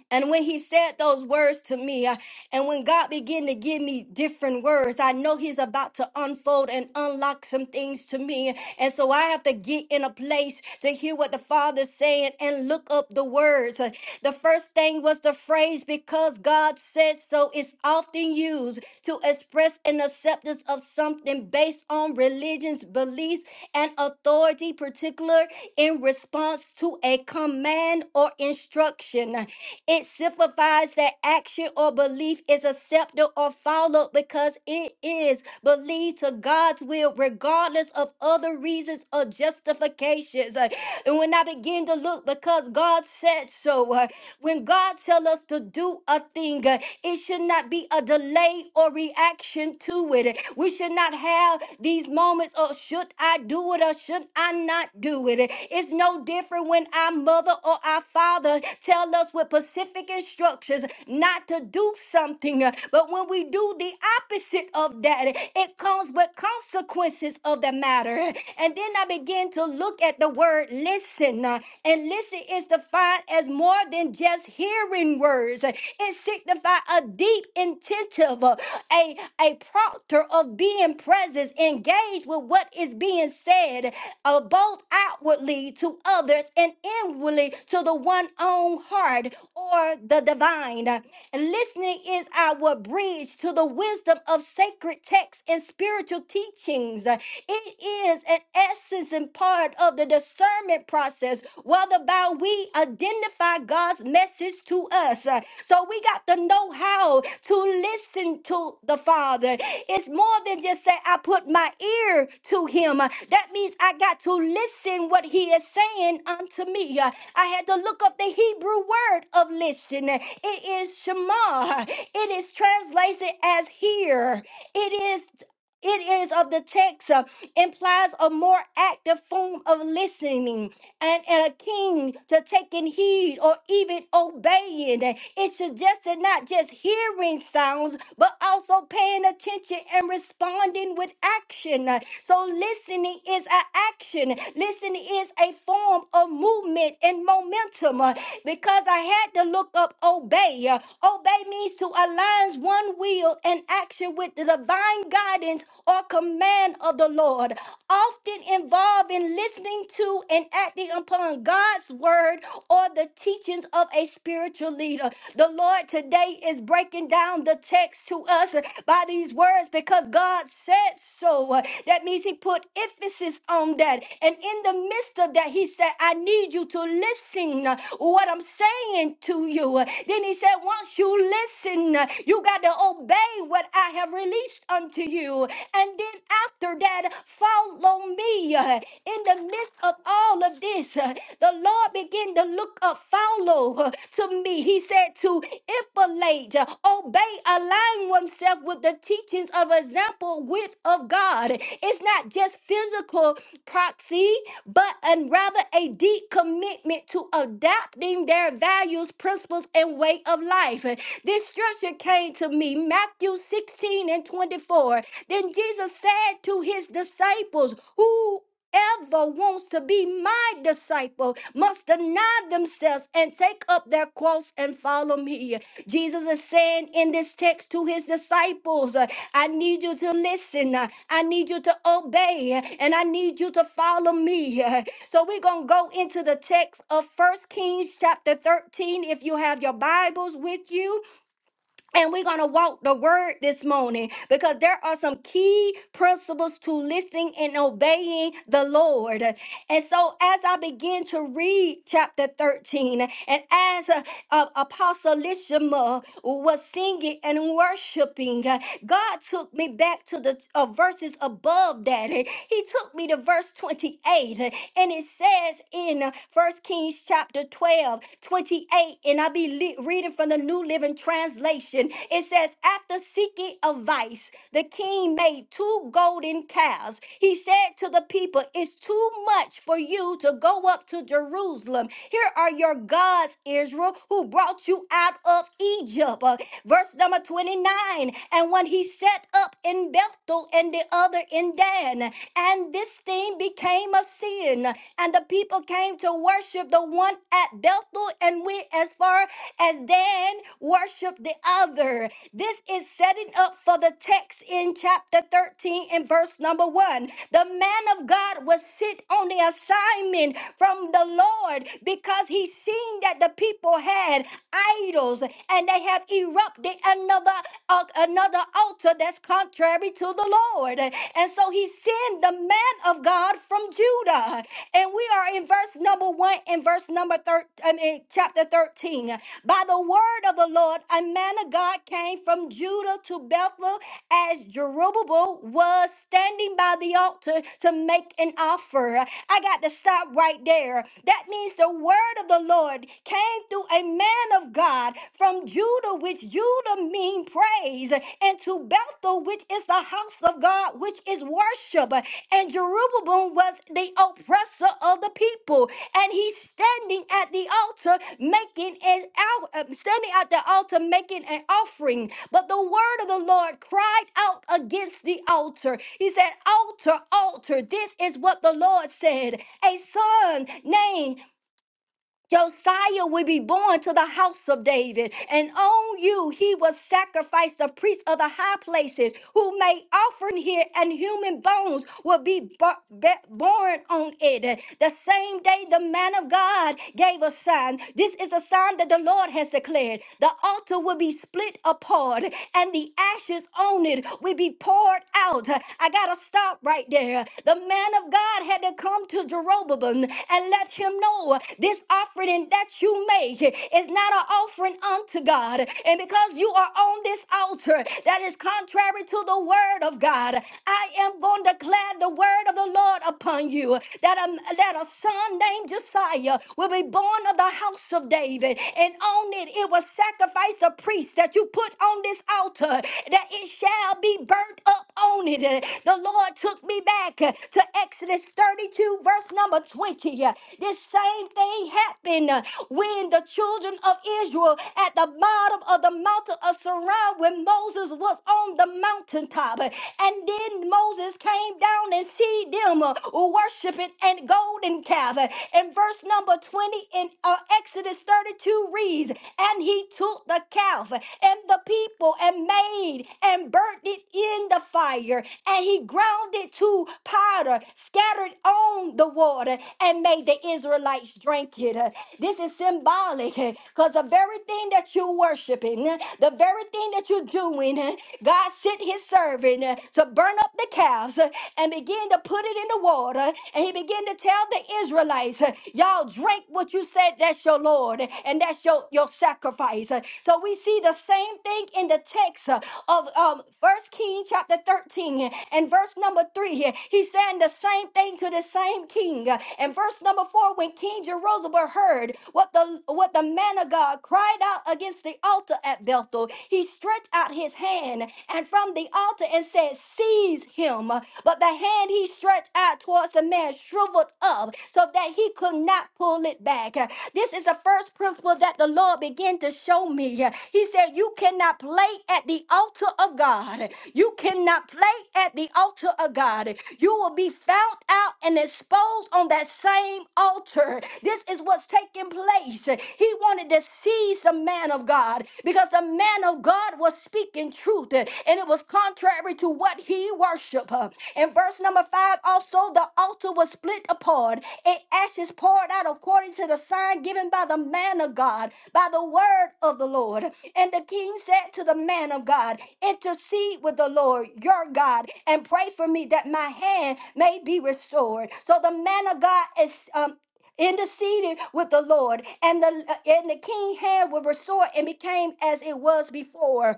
Speaker 2: And when he said those words to me, uh, and when God began to give me different words, I know he's about to unfold and unlock some things to me. And so I have to get in a place to hear what the Father's saying and look up the words. The first thing was the phrase, because God said so, is often used to express an acceptance of something based on religion's beliefs and authority, particular in response to a command or instruction. It signifies that action or belief is accepted or followed because it is believed to God's will, regardless of other reasons or justifications. Uh, And when I begin begin to look because God said so. Uh, When God tells us to do a thing, uh, it should not be a delay or reaction to it. We should not have these moments of should I do it or should I not do it. It's no different when our mother or our father tell us with specific instructions not to do something. uh, But when we do the opposite of that, it comes with consequences of the matter. And then I began begin to look at the word listen, uh, and listen is defined as more than just hearing words, it signifies a deep, intentive, uh, a, a proctor of being present, engaged with what is being said, uh, both outwardly to others and inwardly to the one own heart or the divine. And listening is our bridge to the wisdom of sacred texts and spiritual teachings things. It is an essence and part of the discernment process, whether by we identify God's message to us. Uh, So we got to know how to listen to the Father. It's more than just say, I put my ear to him. Uh, That means I got to listen what he is saying unto me. Uh, I had to look up the Hebrew word of listen. Uh, It is Shema. It is translated as hear. It is it is of the text uh, implies a more active form of listening and, and a king to taking heed or even obeying. It suggested not just hearing sounds, but also paying attention and responding with action. So listening is an action. Listening is a form of movement and momentum. uh, Because I had to look up obey. Uh, Obey means to align one will and action with the divine guidance or command of the Lord, often involving listening to to and acting upon God's word or the teachings of a spiritual leader. The Lord today is breaking down the text to us by these words because God said so. That means He put emphasis on that. And in the midst of that, He said, I need you to listen what I'm saying to you. Then He said, Once you listen, you got to obey what I have released unto you. And then after that, follow me. In in the midst of all of this, uh, the Lord began to look up, follow uh, to me. He said to impelate, uh, obey, align oneself with the teachings of example with of God. It's not just physical proxy, but and rather a deep commitment to adapting their values, principles, and way of life. This scripture came to me, Matthew 16 and 24. Then Jesus said to his disciples, who Whoever wants to be my disciple must deny themselves and take up their cross and follow me. Jesus is saying in this text to his disciples, uh, I need you to listen, uh, I need you to obey, uh, and I need you to follow me. uh. So we're going to go into the text of First Kings chapter 13 if you have your Bibles with you. And we're going to walk the word this morning because there are some key principles to listening and obeying the Lord. And so, as I begin to read chapter 13, and as uh, uh, Apostle Lishima was singing and worshiping, uh, God took me back to the uh, verses above that. Uh, He took me to verse 28, uh, and it says in First Kings chapter twelve, twenty-eight. and I'll be li- reading from the New Living Translation. It says, After seeking advice, the king made two golden calves trials. He said to the people, It's too much for you to go up to Jerusalem. Here are your gods, Israel, who brought you out of Egypt. Uh, verse number 29 and when he set up in bethel and the other in dan and this thing became a sin and the people came to worship the one at bethel and went as far and then worship the other. This is setting up for the text in chapter 13 and verse number 1. The man of God was sent on the assignment from the Lord because he seen that the people had idols and they have erupted another uh, another altar that's contrary to the Lord. And so he sent the man of God from Judah. And we are in verse number 1 and verse number 13 I mean, chapter 13. By the word of the Lord, a man of God came from Judah to Bethel as Jerubbabel was standing by the altar to make an offer. I got to stop right there. That means the word of the Lord came through a man of God from Judah, which Judah mean praise, and to Bethel, which is the house of God, which is worship. And Jerubbabel was the oppressor oppressor of the people. And he's standing at the altar making an out uh, standing at the altar making an offering. But the word of the Lord cried out against the altar. He said, Altar, altar, this is what the Lord said. A son named Josiah would be born to the house of David, and on you he was sacrificed the priests of the high places who made offering here, and human bones will be bo- be- born on it. The same day the man of God gave a sign. This is a sign that the Lord has declared. The altar will be split apart, and the ashes on it will be poured out. I gotta stop right there. The man of God had to come to Jeroboam and let him know this offering that you make is not an offering unto God. And because you are on this altar that is contrary to the word of God, I am going to declare the word of the Lord upon you that a, that a son named Josiah will be born of the house of David. And on it, it was sacrifice a priest that you put on this altar that it shall be burnt up on it. The Lord took me back to Exodus 32, verse number 20. This same thing thing happened uh, when the children of Israel at the bottom of the mountain of Sarai when Moses was on the mountaintop. uh, And then Moses came down and see them uh, worshiping and golden calf. Uh, And verse number 20 in uh, Exodus 32 reads, And he took the calf uh, and the people and made and burnt it in the fire. And he ground it to powder, scattered on the water, and made the Israelites drink it. Uh, This is symbolic because the very thing that you're worshiping, uh, the very thing that you're doing, uh, God sent his servant uh, to burn up the calves uh, and begin to put it in the water. huh? And he began to tell the Israelites, uh, Y'all drink what you said that's your Lord uh, and that's your, your sacrifice. Uh, So we see the same thing in the text uh, of um, 1 King chapter 13 huh, and verse number 3. huh? He's saying the same thing to the same king. huh? And verse number 4, when King King Jerusalem heard what the what the man of God cried out against the altar at Bethel, he stretched out his hand and from the altar and said, Seize him. But the hand he stretched out towards the man shriveled up so that he could not pull it back. This is the first principle that the Lord began to show me. He said, You cannot play at the altar of God. You cannot play at the altar of God. You will be found out and exposed on that same altar altar. This is what's taking place. He wanted to seize the man of God because the man of God was speaking truth and it was contrary to what he worshiped. In verse number five, also the altar was split apart and ashes poured out according to the sign given by the man of God, by the word of the Lord. And the king said to the man of God, Intercede with the Lord your God and pray for me that my hand may be restored. So the man of God is. um, interceded with the Lord, and the uh, and the king hand was restored and became as it was before.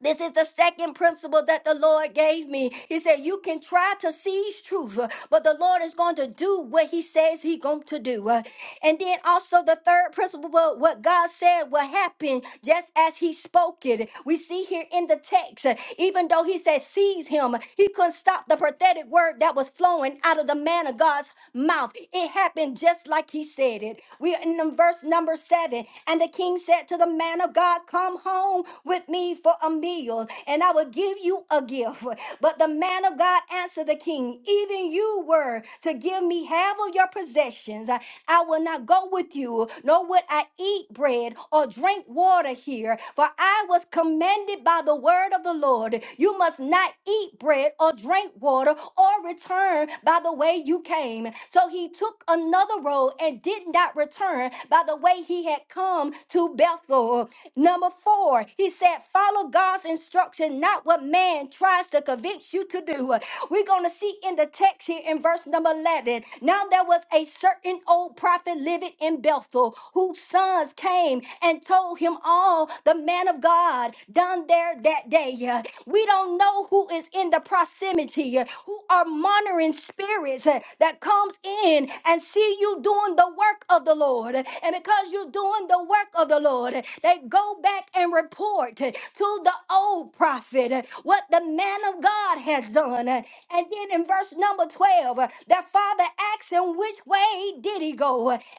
Speaker 2: This is the second principle that the Lord gave me. He said, you can try to seize truth, uh, but the Lord is going to do what he says He's going to do. Uh, And then also the third principle, well, what God said will happen just as he spoke it. We see here in the text, uh, even though he said seize him, he couldn't stop the prophetic word that was flowing out of the man of God's mouth. It happened just like he said it. We are in the verse number seven. And the king said to the man of God, come home with me for a meal, and I will give you a gift. But the man of God answered the king, Even you were to give me half of your possessions. I I will not go with you, nor would I eat bread or drink water here, for I was commanded by the word of the Lord. You must not eat bread or drink water or return by the way you came. So he took another road and did not return by the way he had come to Bethel. Number four, he said, follow God's instruction, not what man tries to convince you to do. We're going to see in the text here in verse number 11. Now there was a certain old prophet living in Bethel whose sons came and told him all the man of God done there that day. Uh, We don't know who is in the proximity, uh, who are monitoring spirits uh, that comes in and see you doing the work of the Lord. And because you're doing the work of the Lord, Lord. They go back and report to the old prophet what the man of God has done. And then in verse number 12, their father asked him, Which way did he go?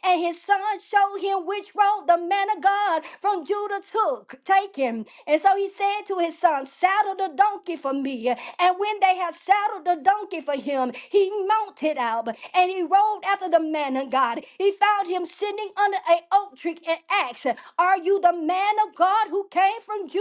Speaker 2: And his son showed him which road the man of God from Judah took, take him. And so he said to his son, Saddle the donkey for me. And when they had saddled the donkey for him, he mounted out and he rode after the man of God. He found him sitting under a oak tree speak and ask, Are you the man of God who came from Judah?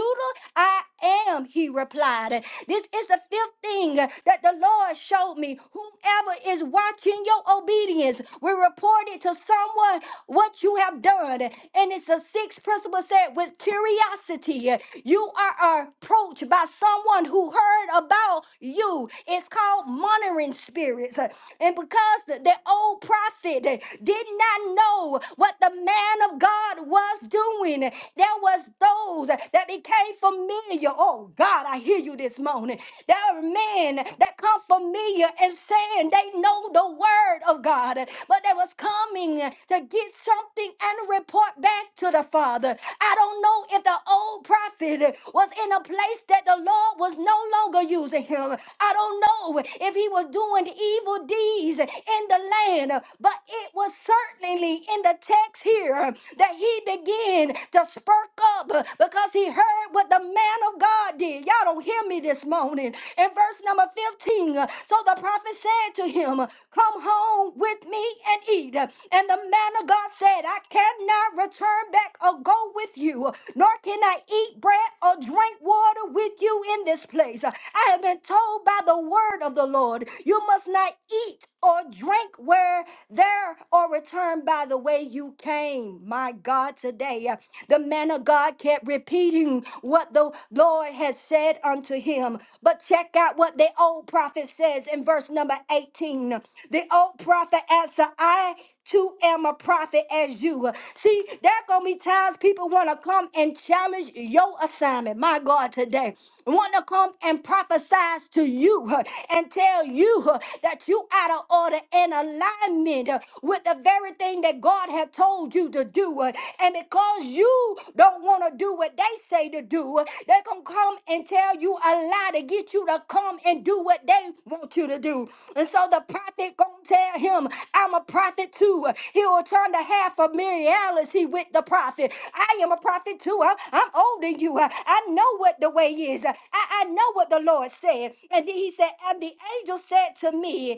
Speaker 2: I am, he replied. This is the fifth thing that the Lord showed me. Whomever is watching your obedience will report it to someone what you have done. And it's the sixth principle said with curiosity. You are approached by someone who heard about you. It's called monitoring spirits. And because the, the old prophet did not know what." what the man of God was doing. There was those that became familiar. Oh God, I hear you this morning. There are men that come familiar and saying they know the word of God, but they was coming to get something and report back to the Father. I don't know if the old prophet was in a place that the Lord was no longer using him. I don't know if he was doing evil deeds in the land, but it was certainly in the text here that he began to spark up uh, because he heard what the man of God did. Y'all don't hear me this morning. In verse number 15, uh, so the prophet said to him, Come home with me and eat. And the man of God said, I cannot return back or go with you, nor can I eat bread or drink water with you in this place. I have been told by the word of the Lord, you must not eat or drink where there or return by the way you came. My God, today uh, the man of God kept repeating what the Lord has said unto him. But check out what the old prophet says in verse number 18. The old prophet answered, I too am a prophet as you. See, there gonna be times people wanna come and challenge your assignment. My God, today want to come and prophesy to you huh, and tell you huh, that you out of order and alignment huh, with the very thing that God have told you to do. huh. And because you don't want to do what they say to do, uh, they're going to come and tell you a lie to get you to come and do and do what they want you to do. And so the prophet gonna tell him, I'm a prophet too. He was trying to have familiarity with the prophet. I am a prophet too. I'm, I'm older than you. I, I know what the way is. I, I know what the Lord said. And he said, and the angel said to me,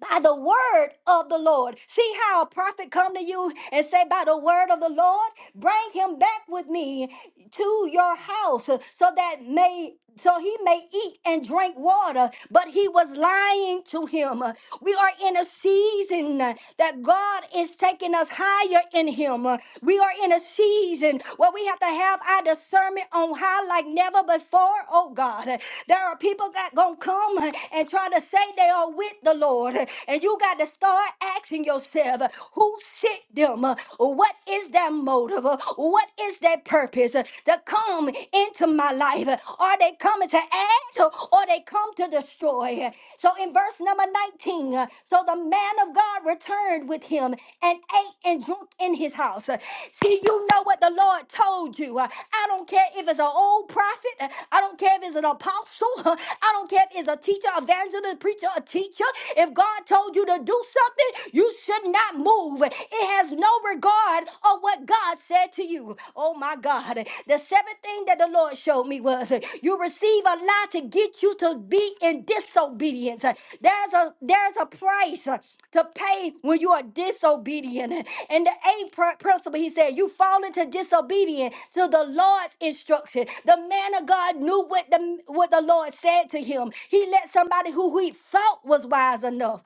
Speaker 2: by the word of the Lord. See how a prophet come to you and say, by the word of the Lord, bring him back with me to your house so that may so he may eat and drink water but he was lying to him we are in a season that god is taking us higher in him we are in a season where we have to have our discernment on high like never before oh god there are people that gonna come and try to say they are with the lord and you got to start asking yourself uh, who sent them? Uh, What is their motive? Uh, What is their purpose uh, to come into my life? Uh, Are they coming to add or or they come to destroy? Uh, So in verse number 19, uh, so the man of God returned with him and ate and drunk in his house. Uh, See, you know what the Lord told you. Uh, I don't care if it's an old prophet, uh, I don't care if it's an apostle, I don't care if it's a teacher, evangelist, preacher, a teacher. If God God told you to do something, you should not move. It has no regard of what God said to you. Oh my God. The seventh thing that the Lord showed me was uh, you receive a lie to get you to be in disobedience. Uh, There's a there's a price uh, to pay when you are disobedient. And the eighth pr- principle, he said, you fall into disobedience to the Lord's instruction. The man of God knew what the what the Lord said to him. He let somebody who he thought was wise enough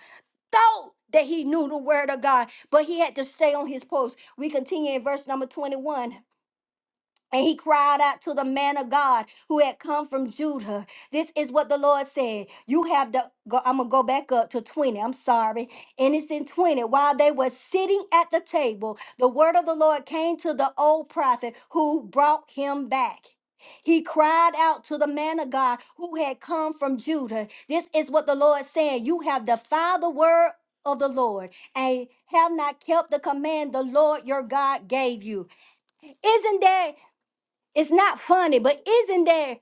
Speaker 2: thought that he knew the word of God, but he had to stay on his post. We continue in verse number 21. And he cried out to the man of God who had come from Judah. This is what the Lord said. You have the, go, I'm going to go back up to 20. I'm sorry. And it's in 20. While they were sitting at the table, the word of the Lord came to the old prophet who brought him back. He cried out to the man of God who had come from Judah. This is what the Lord said. You have defied the word of the Lord and have not kept the command the Lord your God gave you. Isn't that? It's not funny, but isn't there,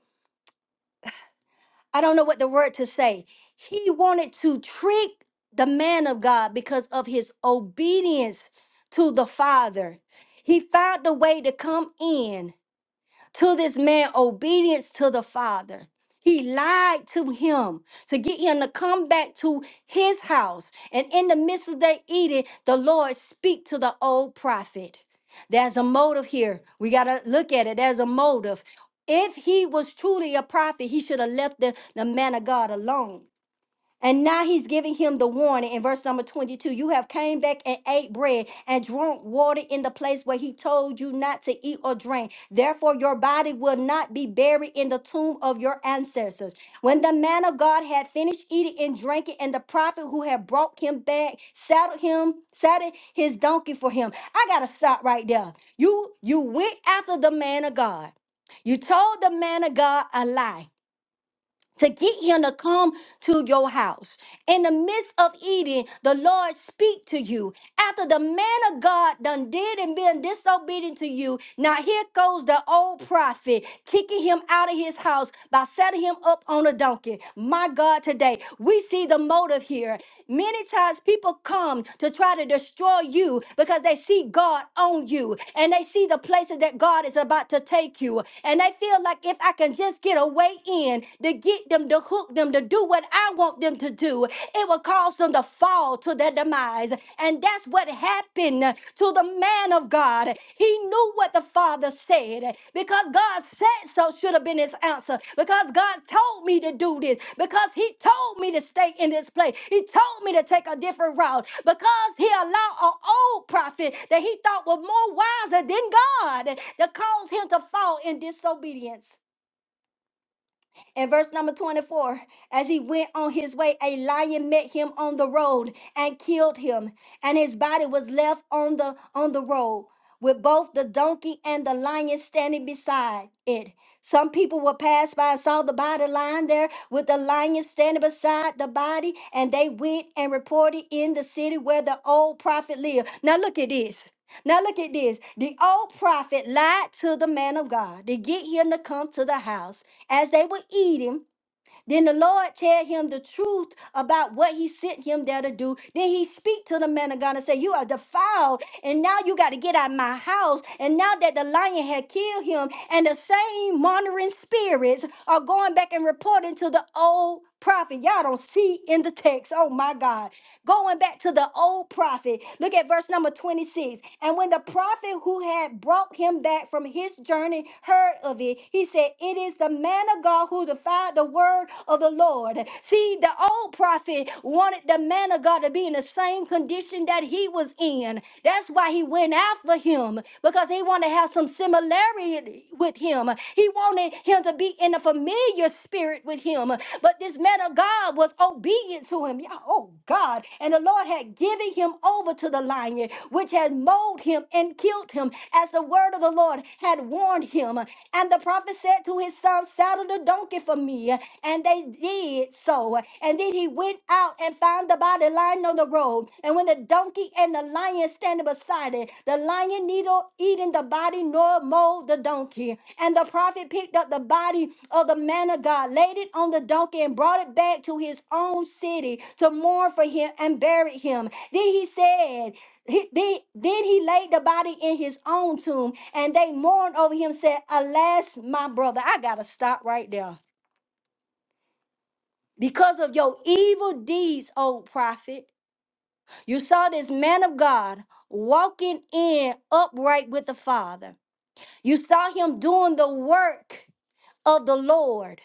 Speaker 2: I don't know what the word to say. He wanted to trick the man of God because of his obedience to the Father. He found a way to come in to this man obedience to the Father. He lied to him to get him to come back to his house. And in the midst of their eating, the Lord speak to the old prophet. There's a motive here. We got to look at it. There's a motive. If he was truly a prophet, he should have left the, the man of God alone and now he's giving him the warning in verse number 22. You have came back and ate bread and drunk water in the place where he told you not to eat or drink. Therefore, your body will not be buried in the tomb of your ancestors. When the man of God had finished eating and drinking, and the prophet who had brought him back saddled him, saddled his donkey for him. I gotta stop right there. You you went after the man of God. You told the man of God a lie to get him to come to your house. In the midst of eating, the Lord speak to you. After the man of God done did and been disobedient to you, now here goes the old prophet kicking him out of his house by setting him up on a donkey. My God, today we see the motive here. Many times people come to try to destroy you because they see God on you and they see the places that God is about to take you. And they feel like if I can just get away way in to get them, to hook them, to do what I want them to do. It will cause them to fall to their demise. And that's what happened to the man of God. He knew what the Father said because God said so, should have been his answer. Because God told me to do this. Because He told me to stay in this place. He told me to take a different route. Because He allowed an old prophet that he thought was more wiser than God to cause him to fall in disobedience. And verse number 24 As he went on his way, a lion met him on the road and killed him, and his body was left on the on the road with both the donkey and the lion standing beside it. Some people will pass by and saw the body lying there with the lion standing beside the body, and they went and reported in the city where the old prophet lived. Now look at this. Now look at this. The old prophet lied to the man of God to get him to come to the house. As they were eating, then the Lord tell him the truth about what he sent him there to do. Then he speak to the man of God and say, You are defiled, and now you got to get out of my house. And now that the lion had killed him, and the same monitoring spirits are going back and reporting to the old prophet. Y'all don't see in the text. Oh my God. Going back to the old prophet, look at verse number 26. And when the prophet who had brought him back from his journey heard of it, he said, It is the man of God who defied the word of the Lord. See, the old prophet wanted the man of God to be in the same condition that he was in. That's why he went after him because he wanted to have some similarity with him. He wanted wanted him to be in a familiar spirit with him. But this man of God was obedient to him. Yeah, Oh God. And the Lord had given him over to the lion, which had mowed him and killed him, as the word of the Lord had warned him. And the prophet said to his son, Saddle the donkey for me. And they did so. And then he went out and found the body lying on the road. And when the donkey donkey and the lion standing beside it. The lion neither eating the body nor mowed the donkey. And the prophet picked up the body of the man of God, laid it on the donkey, and brought it back to his own city to mourn for him and bury him. Then he said, he, then, then he laid the body in his own tomb, and they mourned over him, said, Alas, my brother, I gotta stop right there. Because of your evil deeds, old prophet. You saw this man of God walking in upright with the Father. You saw him doing the work of the Lord.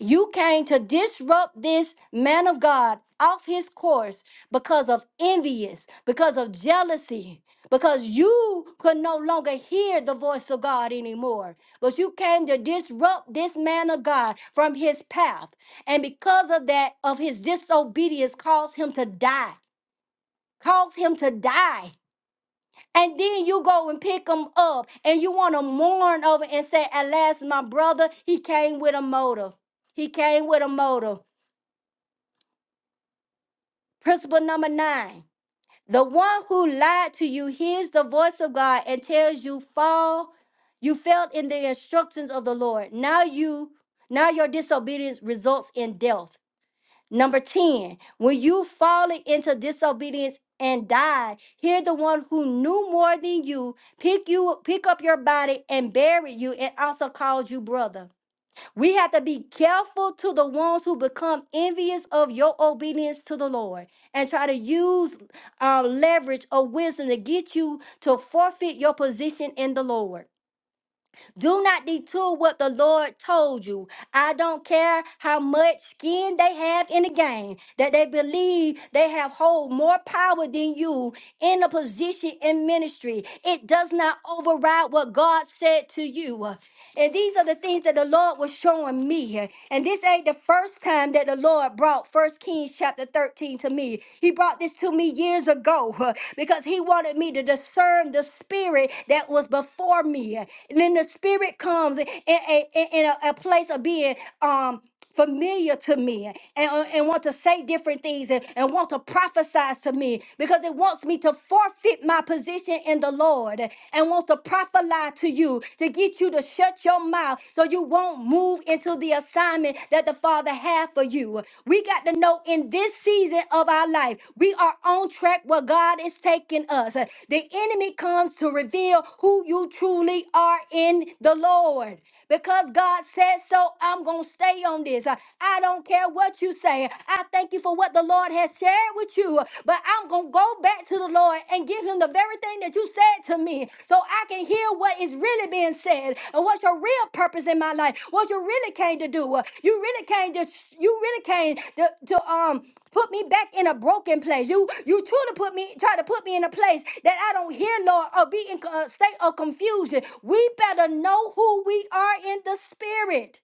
Speaker 2: You came to disrupt this man of God off his course because of envious, because of jealousy, because you could no longer hear the voice of God anymore. But you came to disrupt this man of God from his path. And because of that, of his disobedience, caused him to die caused him to die. And then you go and pick him up and you want to mourn over and say, At last, my brother, he came with a motive. He came with a motive. Principle number nine the one who lied to you hears the voice of God and tells you, Fall. You failed in the instructions of the Lord. Now you now your disobedience results in death. Number 10, when you falling into disobedience and die, hear the one who knew more than you pick you pick up your body and bury you and also called you brother. We have to be careful to the ones who become envious of your obedience to the Lord and try to use uh, leverage or wisdom to get you to forfeit your position in the Lord. Do not detour what the Lord told you. I don't care how much skin they have in the game, that they believe they have hold more power than you in a position in ministry. It does not override what God said to you. And these are the things that the Lord was showing me. And this ain't the first time that the Lord brought First Kings chapter 13 to me. He brought this to me years ago uh, because he wanted me to discern the spirit that was before me. And then the spirit comes in, in, in- a, a place of being um familiar to me and, uh, and want to say different things and, and want to prophesize to me because it wants me to forfeit my position in the Lord and wants to prophesy to you to get you to shut your mouth so you won't move into the assignment that the Father had for you. We got to know in this season of our life, we are on track where God is taking us. The enemy comes to reveal who you truly are in the Lord. Because God says so, I'm going going to stay on this. Uh, I don't care what you say. I thank you for what the Lord has shared with you, but I'm going to go back to the Lord and give him the very thing that you said to me so I can hear what is really being said and what's your real purpose in my life, what you really came to do. Uh, You really came to, you really came to, to um, put me back in a broken place. You, you try to put me, try to put me in a place that I don't hear, Lord, or be in a state of confusion. We better know who we are in the spirit.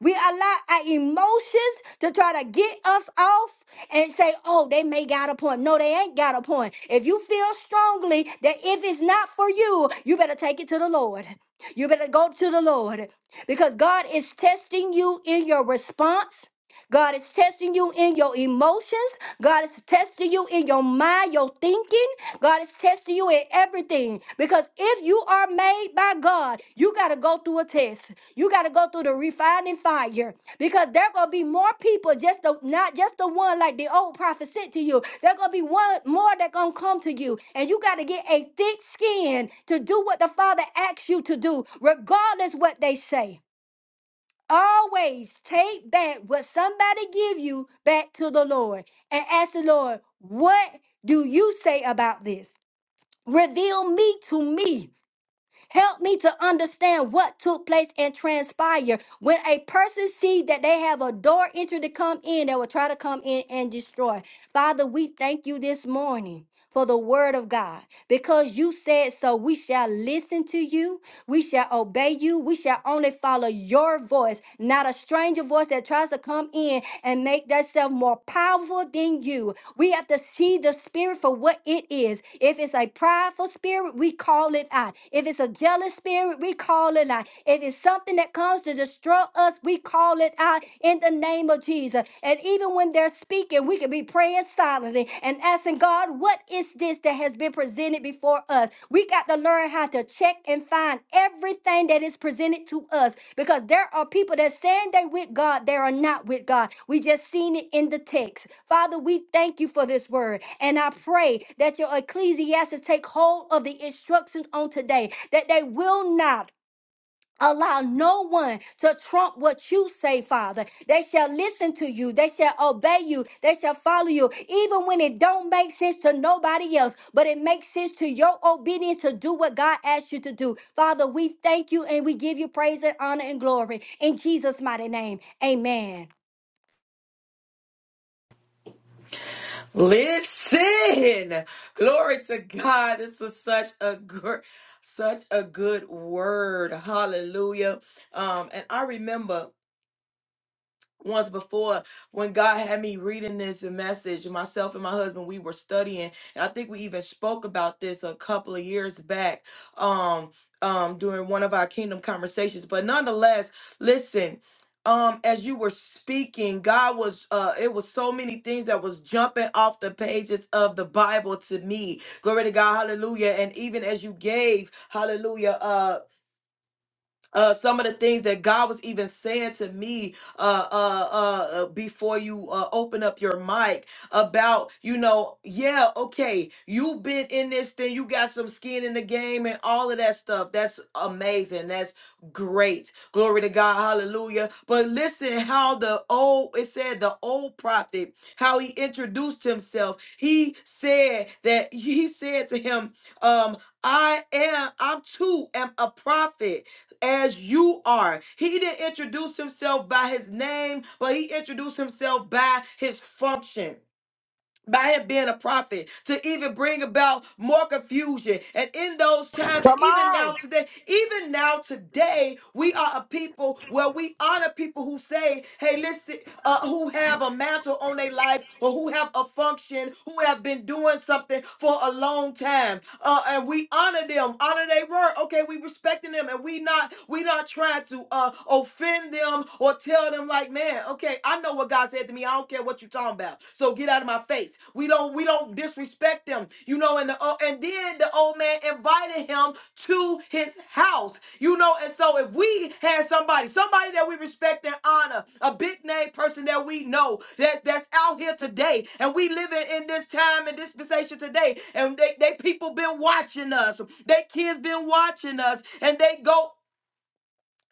Speaker 2: We allow our emotions to try to get us off and say, oh, they may got a point. No, they ain't got a point. If you feel strongly that if it's not for you, you better take it to the Lord. You better go to the Lord because God is testing you in your response. God is testing you in your emotions. God is testing you in your mind, your thinking. God is testing you in everything. Because if you are made by God, you got to go through a test. You got to go through the refining fire. Because there going to be more people, just the, not just the one like the old prophet said to you. There going to be one more that going to come to you. And you got to get a thick skin to do what the Father asks you to do, regardless what they say always take back what somebody give you back to the Lord and ask the Lord, what do you say about this? Reveal me to me. Help me to understand what took place and transpired when a person sees that they have a door entry to come in that will try to come in and destroy. Father, we thank you this morning for the word of God because you said so. We shall listen to you. We shall obey you. We shall only follow your voice, not a stranger voice that tries tries to come in and make that self more powerful than you. We have to see the spirit for what it is. If it's a prideful spirit, we call it out. If it's a jealous spirit, we call it out. If it's something that comes to destroy us, we call it out in the name of Jesus. And even when they're speaking, we can be praying silently and asking God, Lord, what is this that has been presented before us? We got to learn how to check and find everything that is presented to us because there are people that saying they with God, they are not with God. We just seen it in the text. Father, we thank you for this word. And I pray that your ecclesiastes take hold of the instructions on today, that they will not Allow no one to trump what you say, Father. They shall listen to you. They shall obey you. They shall follow you, even when it don't make sense to nobody else. But it makes sense to your obedience to do what God asked you to do. Father, we thank you and we give you praise and honor and glory in Jesus' mighty name. Amen.
Speaker 1: Listen, glory to God. This is such a good, such a good word. Hallelujah. Um, and I remember once before when God had me reading this message, myself and my husband, we were studying, and I think we even spoke about this a couple of years back um, um, during one of our kingdom conversations. But nonetheless, listen. Um, as you were speaking, God was uh it was so many things that was jumping off the pages of the Bible to me. Glory to God, hallelujah. And even as you gave, hallelujah, uh uh, some of the things that God was even saying to me uh, uh, uh, uh, before you uh, open up your mic about, you know, yeah, okay, you've been in this thing, you got some skin in the game and all of that stuff. That's amazing. That's great. Glory to God. Hallelujah. But listen how the old, it said the old prophet, how he introduced himself. He said that, he said to him, um, I am, I'm too am a prophet as you are. He didn't introduce himself by his name, but he introduced himself by his function by him being a prophet to even bring about more confusion. And in those times, and
Speaker 3: Come
Speaker 1: even now
Speaker 3: on.
Speaker 1: today, even now today, we are a people where we honor people who say, hey, listen, uh, who have a mantle on their life or who have a function, who have been doing something for a long time. Uh, and we honor them, honor their word. Okay, we respecting them and we not we not trying to uh offend them or tell them like, man man, okay, I know what God said to me. I don't care what you're talking about. So get out of my face. We don't we don't disrespect them, you know. And the oh, and then the old man invited him to his house, you know. And so if we had somebody, somebody that we respect and honor, a big name person that we know that that's out here today, and we living in this time and dispensation today, and they they people been watching us, they kids been watching us, and they go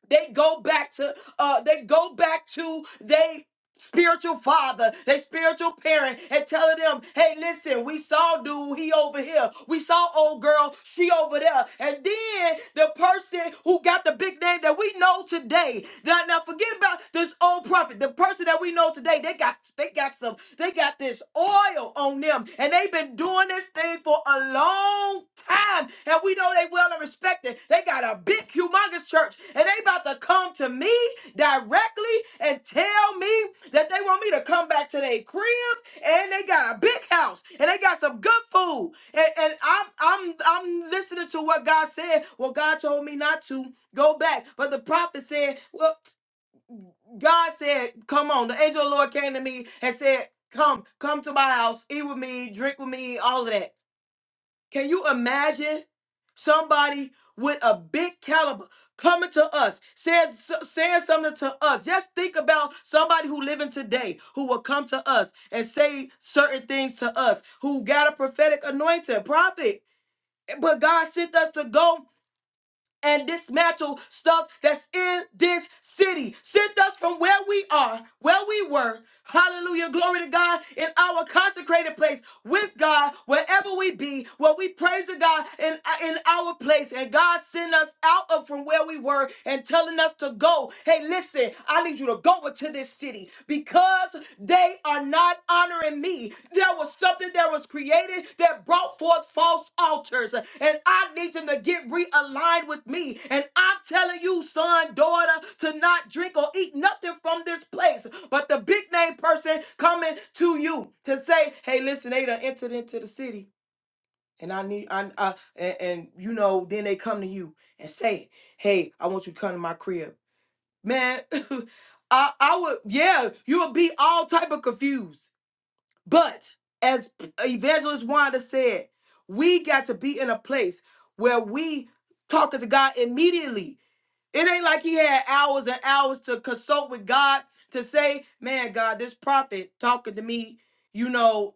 Speaker 1: they go back to uh they go back to they spiritual father, they spiritual parent, and telling them, hey, listen, we saw dude, he over here. We saw old girl, she over there. And then the person who got the big name that we know today. Now, now forget about this old prophet. The person that we know today, they got they got some, they got this oil on them, and they've been doing this thing for a long time and we know they well and respected they got a big humongous church and they about to come to me directly and tell me that they want me to come back to their crib and they got a big house and they got some good food and, and I'm I'm I'm listening to what God said well God told me not to go back but the prophet said well God said come on the angel of the Lord came to me and said come come to my house eat with me drink with me all of that can you imagine somebody with a big caliber coming to us, saying, saying something to us? Just think about somebody who living today who will come to us and say certain things to us, who got a prophetic anointing, prophet. But God sent us to go and dismantle stuff that's in this city. Send us from where we are, where we were. Hallelujah. Glory to God in our consecrated place with God, wherever we be, where we praise the God in, in our place. And God send us out of from where we were and telling us to go. Hey, listen, I need you to go into this city because they are not honoring me. There was something that was created that brought forth false altars, and I need them to get realigned with me. And I'm telling you, son, daughter, to not drink or eat nothing from this place, but the big name person coming to you to say, "Hey, listen, they done entered into the city." And I need, I, I and, and you know, then they come to you and say, "Hey, I want you to come to my crib." man. I I would yeah, you would be all type of confused. But as Evangelist Wanda said, we got to be in a place where we talking to God immediately. It ain't like he had hours and hours to consult with God to say, man, God, this prophet talking to me. You know,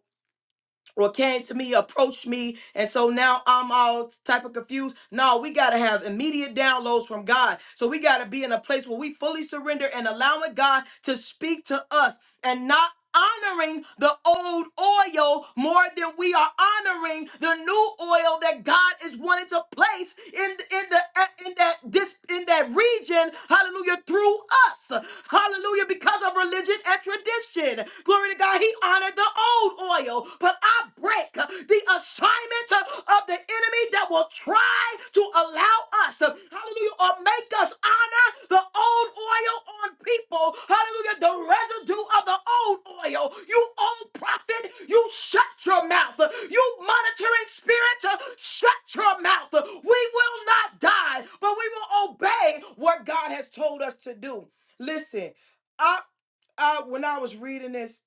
Speaker 1: or came to me, approached me, and so now I'm all type of confused. No, we gotta have immediate downloads from God. So we gotta be in a place where we fully surrender and allowing God to speak to us and not honoring the old oil more than we are honoring the new oil that God is wanting to place in in the in that this in that region hallelujah through us hallelujah because of religion and tradition glory to God how he honored the old oil. But I break the assignment of the enemy that will try to allow us, hallelujah, or make us honor the old oil on people. Hallelujah, the residue of the old oil. You old prophet, you shut your mouth. You monitoring spirit, shut your mouth. We will not die, but we will obey what God has told us to do. Listen, I I when I was reading this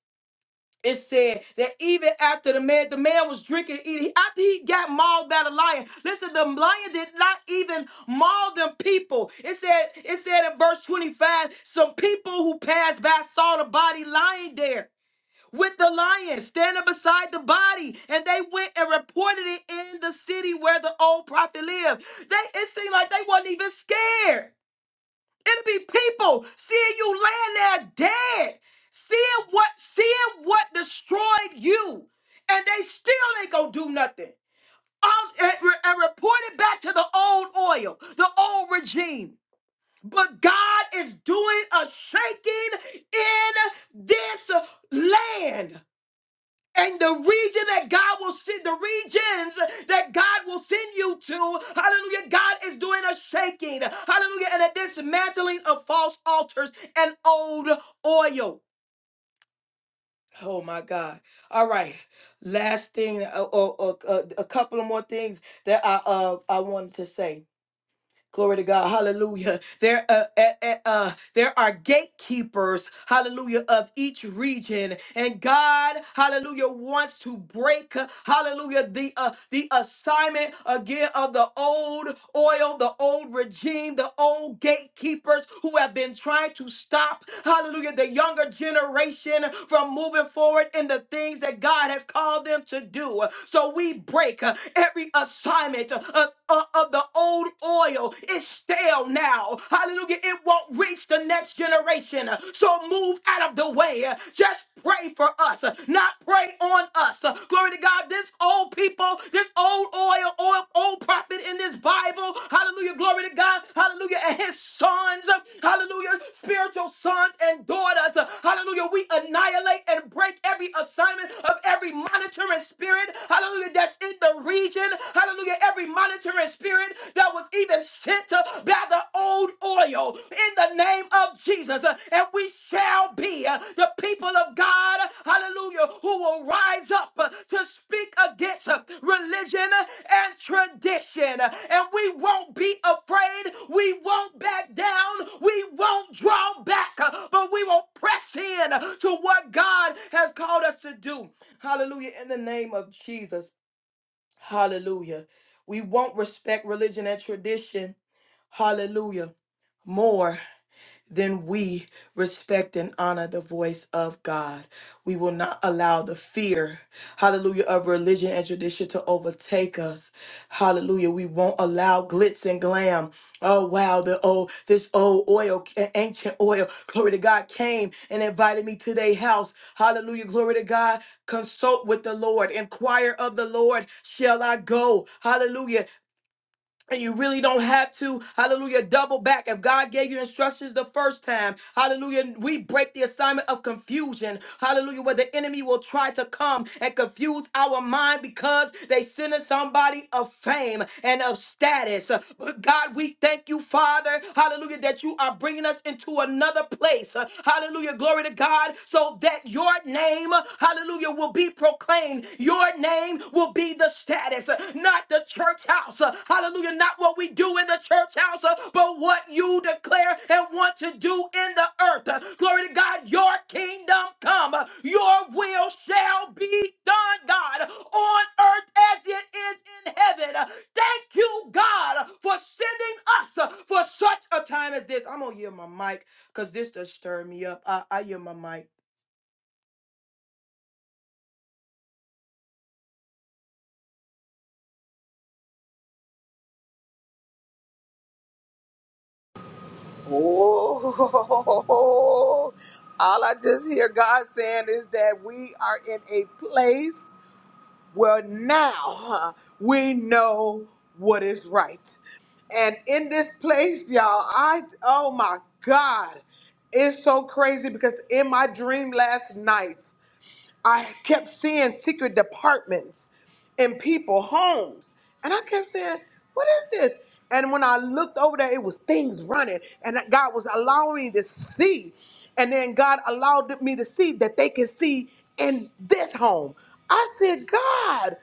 Speaker 1: it said that even after the man, the man was drinking, and eating, after he got mauled by the lion. Listen, the lion did not even maul them people. It said, it said in verse 25, some people who passed by saw the body lying there with the lion standing beside the body, and they went and reported it in the city where the old prophet lived. They it seemed like they wasn't even scared. It'll be people seeing you laying there dead, seeing what seeing what destroyed you, and they still ain't gonna do nothing. All, and, re- and report it back to the old oil, the old regime. But God is doing a shaking in this land. And the region that God will send, the regions that God will send you to, hallelujah, God is doing a shaking, hallelujah, and a dismantling of false altars and old oil. Oh my God. All right. Last thing, or, or, or, uh, a couple of more things that I, uh, I wanted to say. Glory to God. Hallelujah. There, uh, uh, uh, uh, there are gatekeepers, hallelujah, of each region. And God, hallelujah, wants to break, uh, hallelujah, the, uh, the assignment again of the old oil, the old regime, the old gatekeepers who have been trying to stop, hallelujah, the younger generation from moving forward in the things that God has called them to do. So we break uh, every assignment of, uh, of the old oil is stale now. Hallelujah. It won't reach the next generation. So move out of the way. Just pray for us, not pray on us. Glory to God. This old people, this old oil, oil, old prophet in this Bible. Hallelujah. Glory to God. Hallelujah. And his sons. Hallelujah. Spiritual sons and daughters. Hallelujah. We annihilate and break every assignment of every monitoring spirit. Hallelujah. That's in the region. Hallelujah. Every monitoring spirit that was even sent uh, by the old oil in the name of Jesus. Uh, And we shall be uh, the people of God. Hallelujah. Who will rise up uh, to speak against uh, religion and tradition. And we won't be afraid. We won't back down. We won't draw back. uh, But we will press in to what God has called us to do. Hallelujah. In the name of Jesus. Hallelujah. We won't respect religion and tradition. Hallelujah. More then we respect and honor the voice of God. We will not allow the fear, hallelujah, of religion and tradition to overtake us. Hallelujah. We won't allow glitz and glam. Oh, wow. The old, this old oil, a- ancient oil, glory to God, came and invited me to their house. Hallelujah. Glory to God. Consult with the Lord. Inquire of the Lord. Shall I go? Hallelujah and you really don't have to, hallelujah, double back. If God gave you instructions the first time, hallelujah, we break the assignment of confusion, hallelujah, where the enemy will try to come and confuse our mind because they sent us somebody of fame and of status. But God, we thank you, Father, hallelujah, that you are bringing us into another place, hallelujah, glory to God, so that your name, hallelujah, will be proclaimed. Your your name will be the status, uh, not the church house. uh, Hallelujah. Not what we do in the church house, uh, but what you declare and want to do in the earth. Uh, Glory to God. Your kingdom come. Uh, Your will shall be done, God, on earth as it is in heaven. Uh, Thank you, God, for sending us uh, for such a time as this. I'm going to yield my mic because this does stir me up. I, I yield my mic.
Speaker 3: Oh, all I just hear God saying is that we are in a place where now huh, we know what is right. And in this place, y'all, I, oh my God, it's so crazy because in my dream last night, I kept seeing secret departments in people homes, and I kept saying, "What is this?" And when I looked over there, it was things running, and that God was allowing me to see. And then God allowed me to see that they could see in this home. I said, "God,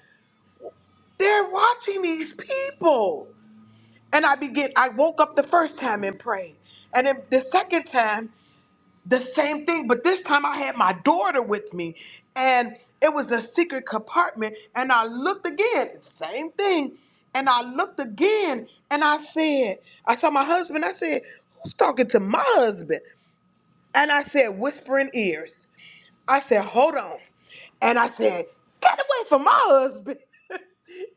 Speaker 3: they're watching these people." And I began. I woke up the first time and prayed, and then the second time the same thing, but this time I had my daughter with me, and it was a secret compartment. And I looked again, same thing. And I looked again, and I said, I saw my husband. I said, "Who's talking to my husband?" And I said, whispering ears. I said, hold on. And I said, get away from my husband.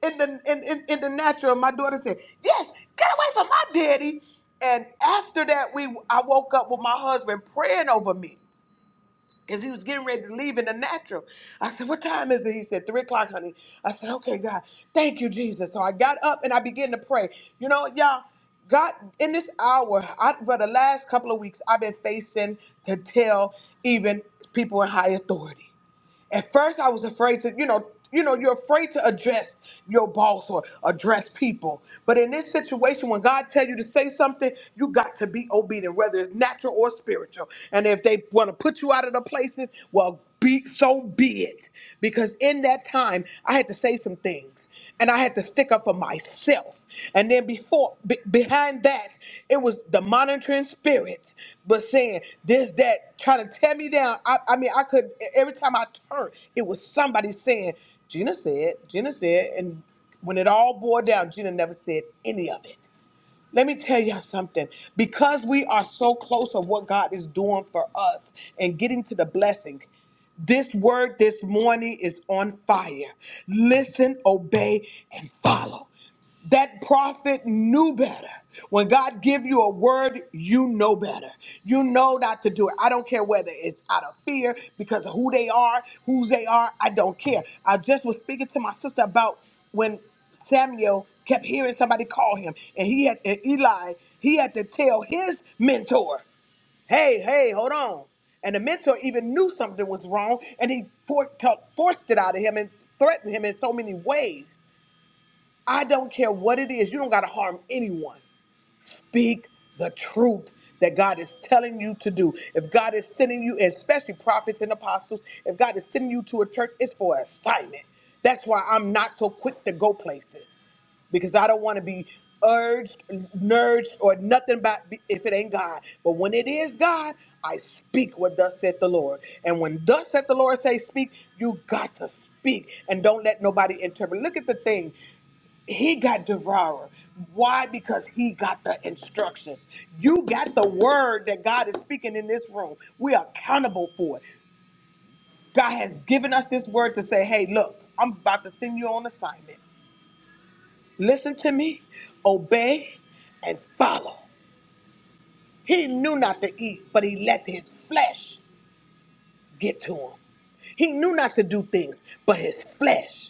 Speaker 3: in the in, in, in the natural, my daughter said, Yes, get away from my daddy. And after that, we I woke up with my husband praying over me because he was getting ready to leave in the natural. I said, What time is it? He said, Three o'clock, honey. I said, Okay, God, thank you, Jesus. So I got up and I began to pray. You know, y'all, God, in this hour, I, for the last couple of weeks, I've been facing to tell even people in high authority. At first, I was afraid to, you know, you know, you're afraid to address your boss or address people. But in this situation, when God tell you to say something, you got to be obedient, whether it's natural or spiritual. And if they want to put you out of the places, well, be so be it. Because in that time, I had to say some things blacks, and I had to stick up for myself. And then before, be, behind that, it was the monitoring spirits, but saying this, that, trying to tear me down. I, I mean, I could every time I turned, it was somebody saying, "Gina said," "Gina said," and when it all boiled down, Gina never said any of it. Let me tell y'all something. Because we are so close of what God is doing for us and getting to the blessing, this word this morning is on fire. Listen, obey, and follow. That prophet knew better. When God give you a word, you know better. You know not to do it. I don't care whether it's out of fear because of who they are, whose they are. I don't care. I just was speaking to my sister about when Samuel kept hearing somebody call him, and he had and Eli. He had to tell his mentor, "Hey, hey, hold on." And the mentor even knew something was wrong, and he for- t- forced it out of him and threatened him in so many ways. I don't care what it is. You don't got to harm anyone. Speak the truth that God is telling you to do. If God is sending you, especially prophets and apostles, if God is sending you to a church, it's for assignment. That's why I'm not so quick to go places because I don't want to be urged, nudged, or nothing about if it ain't God. But when it is God, I speak what thus saith the Lord. And when thus saith the Lord say speak, you got to speak and don't let nobody interpret. Look at the thing. He got devoured. Why? Because he got the instructions. You got the word that God is speaking in this room. We are accountable for it. God has given us this word to say, hey, look, I'm about to send you on assignment. Listen to me, obey, and follow. He knew not to eat, but he let his flesh. get to him. He knew not to do things, but his flesh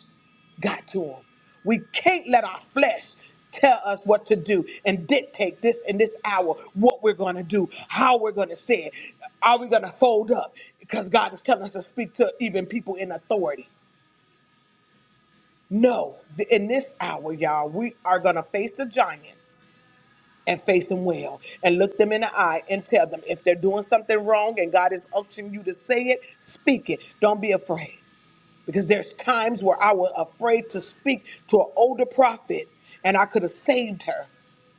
Speaker 3: got to him. We can't let our flesh tell us what to do and dictate this in this hour what we're going to do, how we're going to say it. Are we going to fold up? Because God is telling us to speak to even people in authority. No, th- in this hour, y'all, we are going to face the giants and face them well and look them in the eye and tell them if they're doing something wrong and God is unctioning you to say it, speak it. Don't be afraid because there's times where I was afraid to speak to an older prophet and I could have saved her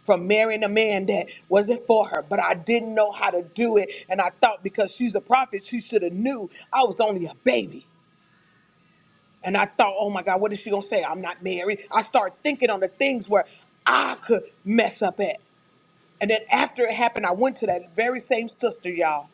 Speaker 3: from marrying a man that wasn't for her, but I didn't know how to do it. And I thought because she's a prophet, she should have knew I was only a baby. And I thought, oh my God, what is she gonna say? I'm not married. I started thinking on the things where I could mess up at. And then after it happened, I went to that very same sister, y'all.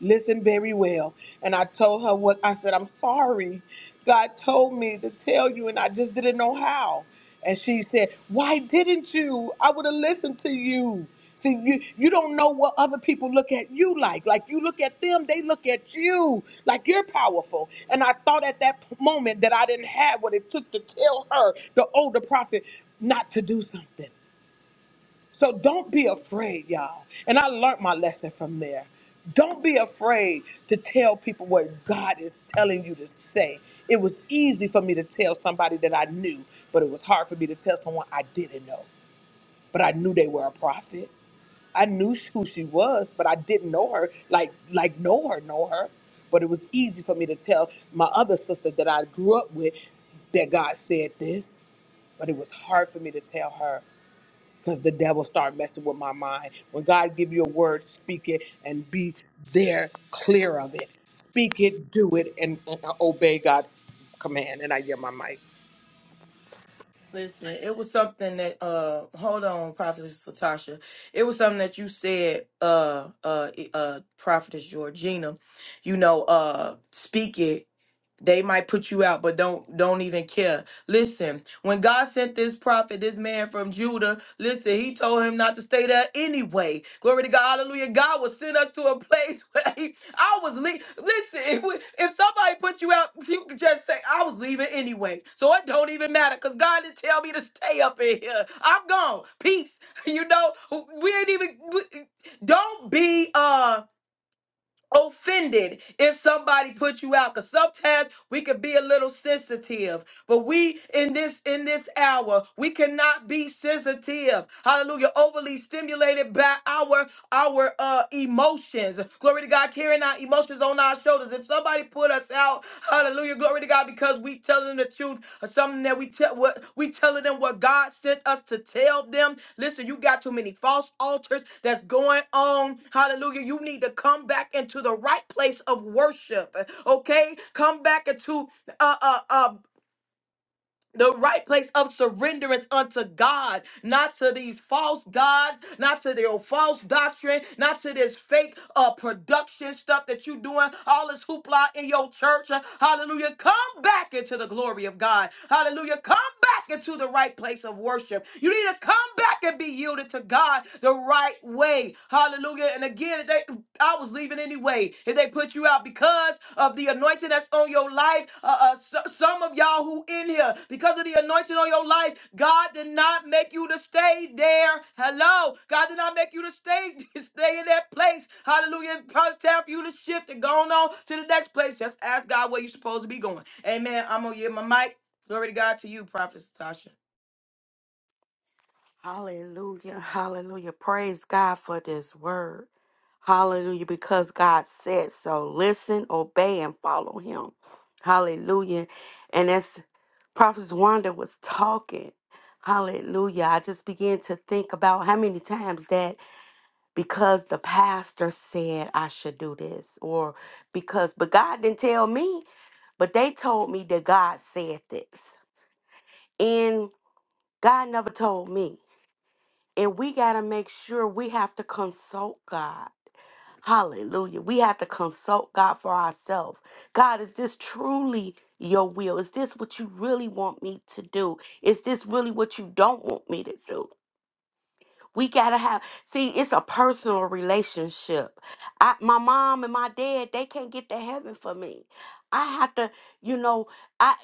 Speaker 3: Listen very well. And I told her what I said, I'm sorry. God told me to tell you, and I just didn't know how. And she said, Why didn't you? I would have listened to you. See, you, you don't know what other people look at you like. Like you look at them, they look at you like you're powerful. And I thought at that p- moment that I didn't have what it took to tell her, the older prophet, not to do something. So don't be afraid, y'all. And I learned my lesson from there. Don't be afraid to tell people what God is telling you to say. It was easy for me to tell somebody that I knew, but it was hard for me to tell someone I didn't know. But I knew they were a prophet. I knew who she was, but I didn't know her like like know her, know her. But it was easy for me to tell my other sister that I grew up with that God said this, but it was hard for me to tell her because the devil start messing with my mind. When God give you a word, speak it and be there, clear of it. Speak it, do it, and, and obey God's command. And I hear my mic.
Speaker 1: Listen, it was something that uh hold on, Prophetess Latasha. It was something that you said, uh uh uh Prophetess Georgina, you know, uh speak it they might put you out, but don't don't even care. Listen, when God sent this prophet, this man from Judah, listen, he told him not to stay there anyway. Glory to God, hallelujah. God will send us to a place where he, I was leaving. Listen, if, we, if somebody put you out, you can just say, I was leaving anyway. So it don't even matter because God didn't tell me to stay up in here. I'm gone. Peace. You know, we ain't even, we- don't be, uh, offended if somebody put you out because sometimes we could be a little sensitive but we in this in this hour we cannot be sensitive hallelujah overly stimulated by our our uh emotions glory to god carrying our emotions on our shoulders if somebody put us us out. Hallelujah. Glory to God because we telling the truth or something that we tell what we telling them what God sent us to tell them. Listen, you got too many false altars that's going on. Hallelujah. You need to come back into the right place of worship. Okay? Come back into uh uh, uh the right place of surrenderance unto God, not to these false gods, not to their false doctrine, not to this fake uh, production stuff that you doing, all this hoopla in your church. Uh, Hallelujah. Come back into the glory of God. Hallelujah. Come back into the right place of worship. You need to come back and be yielded to God the right way. Hallelujah. And again if they I was leaving anyway. If they put you out because of the anointing that's on your life, uh, uh, so- some of y'all who in here because of the anointing on your life, God did not make you to stay there. Hello, God did not make you to stay stay in that place. Hallelujah. It's probably time for you to shift and go on to the next place. Just ask God where you're supposed to be going. Amen. I'm gonna give my mic. Glory to God to you, Prophet Sasha.
Speaker 4: Hallelujah. Hallelujah. Praise God for this word. Hallelujah. Because God said so. Listen, obey, and follow him. Hallelujah. And as Prophet Wanda was talking, hallelujah, I just began to think about how many times that because the pastor said I should do this, or because, but God didn't tell me, but they told me that God said this. And God never told me. And we got to make sure we have to consult God. Hallelujah. We have to consult God for ourselves. God, is this truly your will? Is this what you really want me to do? Is this really what you don't want me to do? We gotta have see, it's a personal relationship. I my mom and my dad, they can't get to heaven for me. I have to, you know, I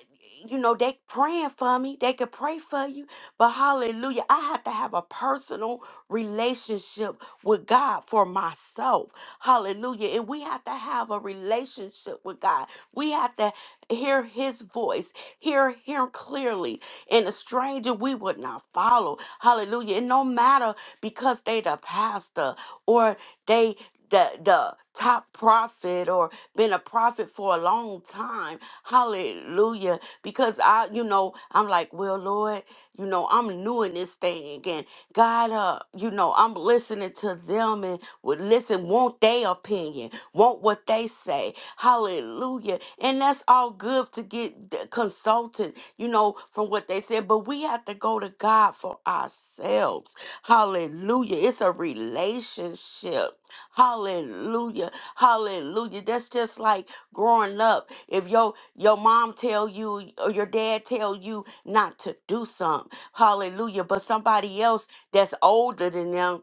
Speaker 4: you know, they praying for me. They could pray for you, but hallelujah. I have to have a personal relationship with God for myself. Hallelujah. And we have to have a relationship with God. We have to hear his voice, hear him clearly. And a stranger we would not follow. Hallelujah. And no matter because they the pastor or they the the top prophet or been a prophet for a long time. Hallelujah. Because I, you know, I'm like, well, Lord, you know, I'm new in this thing. And God, uh, you know, I'm listening to them and would listen, want their opinion, want what they say. Hallelujah. And that's all good to get d- consulted mountain, you know, from what they said, but we have to go to God for ourselves. Hallelujah. It's a relationship. Hallelujah. Hallelujah. That's just like growing up. If your your mom tell you or your dad tell you not to do something, hallelujah, but somebody else that's older than them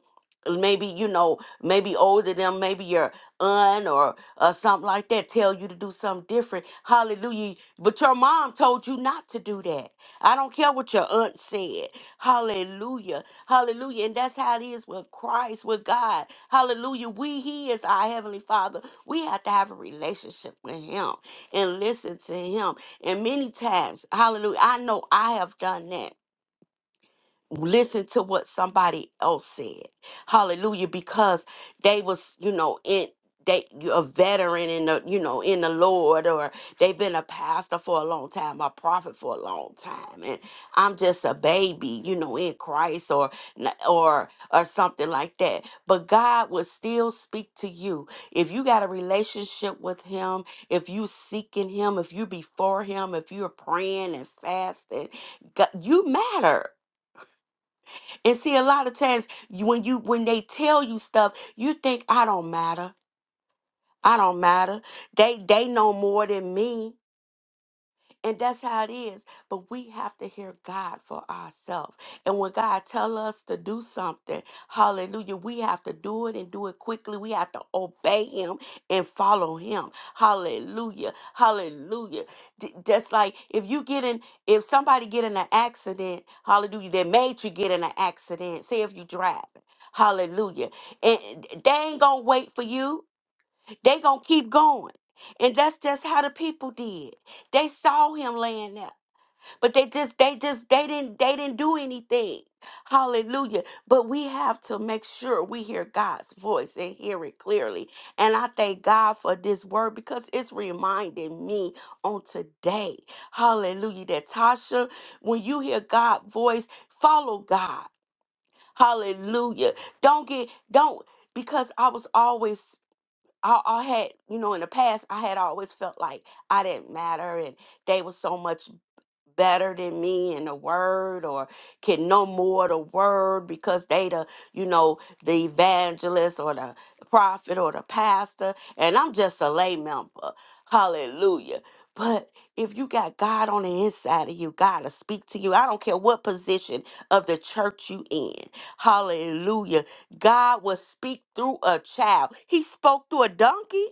Speaker 4: maybe you know maybe older them maybe your aunt or or something like that tell you to do something different hallelujah but your mom told you not to do that i don't care what your aunt said hallelujah hallelujah and that's how it is with christ with god hallelujah we he is our heavenly father we have to have a relationship with him and listen to him and many times hallelujah i know i have done that listen to what somebody else said hallelujah because they was you know in they a veteran in the you know in the lord or they've been a pastor for a long time a prophet for a long time and i'm just a baby you know in christ or n- or or something like that but god will still speak to you if you got a relationship with him if you seeking him if you before him if you're praying and fasting God, you matter and see, a lot of times you- when you when they tell you stuff, you think I don't matter. I don't matter. They they know more than me. And that's how it is. But we have to hear God for ourselves. And when God tell us to do something, hallelujah, we have to do it and do it quickly. We have to obey him and follow him. Hallelujah. Hallelujah. D- Just like if you get in, if somebody get in an accident, hallelujah, they made you get in an accident. Say if you drive, hallelujah. And they ain't gonna wait for you they gonna keep going and that's just how the people did they saw him laying there but they just they just they didn't they didn't do anything hallelujah but we have to make sure we hear god's voice and hear it clearly and i thank god for this word because it's reminding me on today hallelujah that tasha when you hear god's voice follow god hallelujah don't get don't because i was always I, I had, you know, in the past, I had always felt like I didn't matter and they were so much better than me in the word or can know more the word because they the you know the evangelist or the prophet or the pastor and i'm just a lay member hallelujah but if you got god on the inside of you god will speak to you i don't care what position of the church you in hallelujah god will speak through a child he spoke through a donkey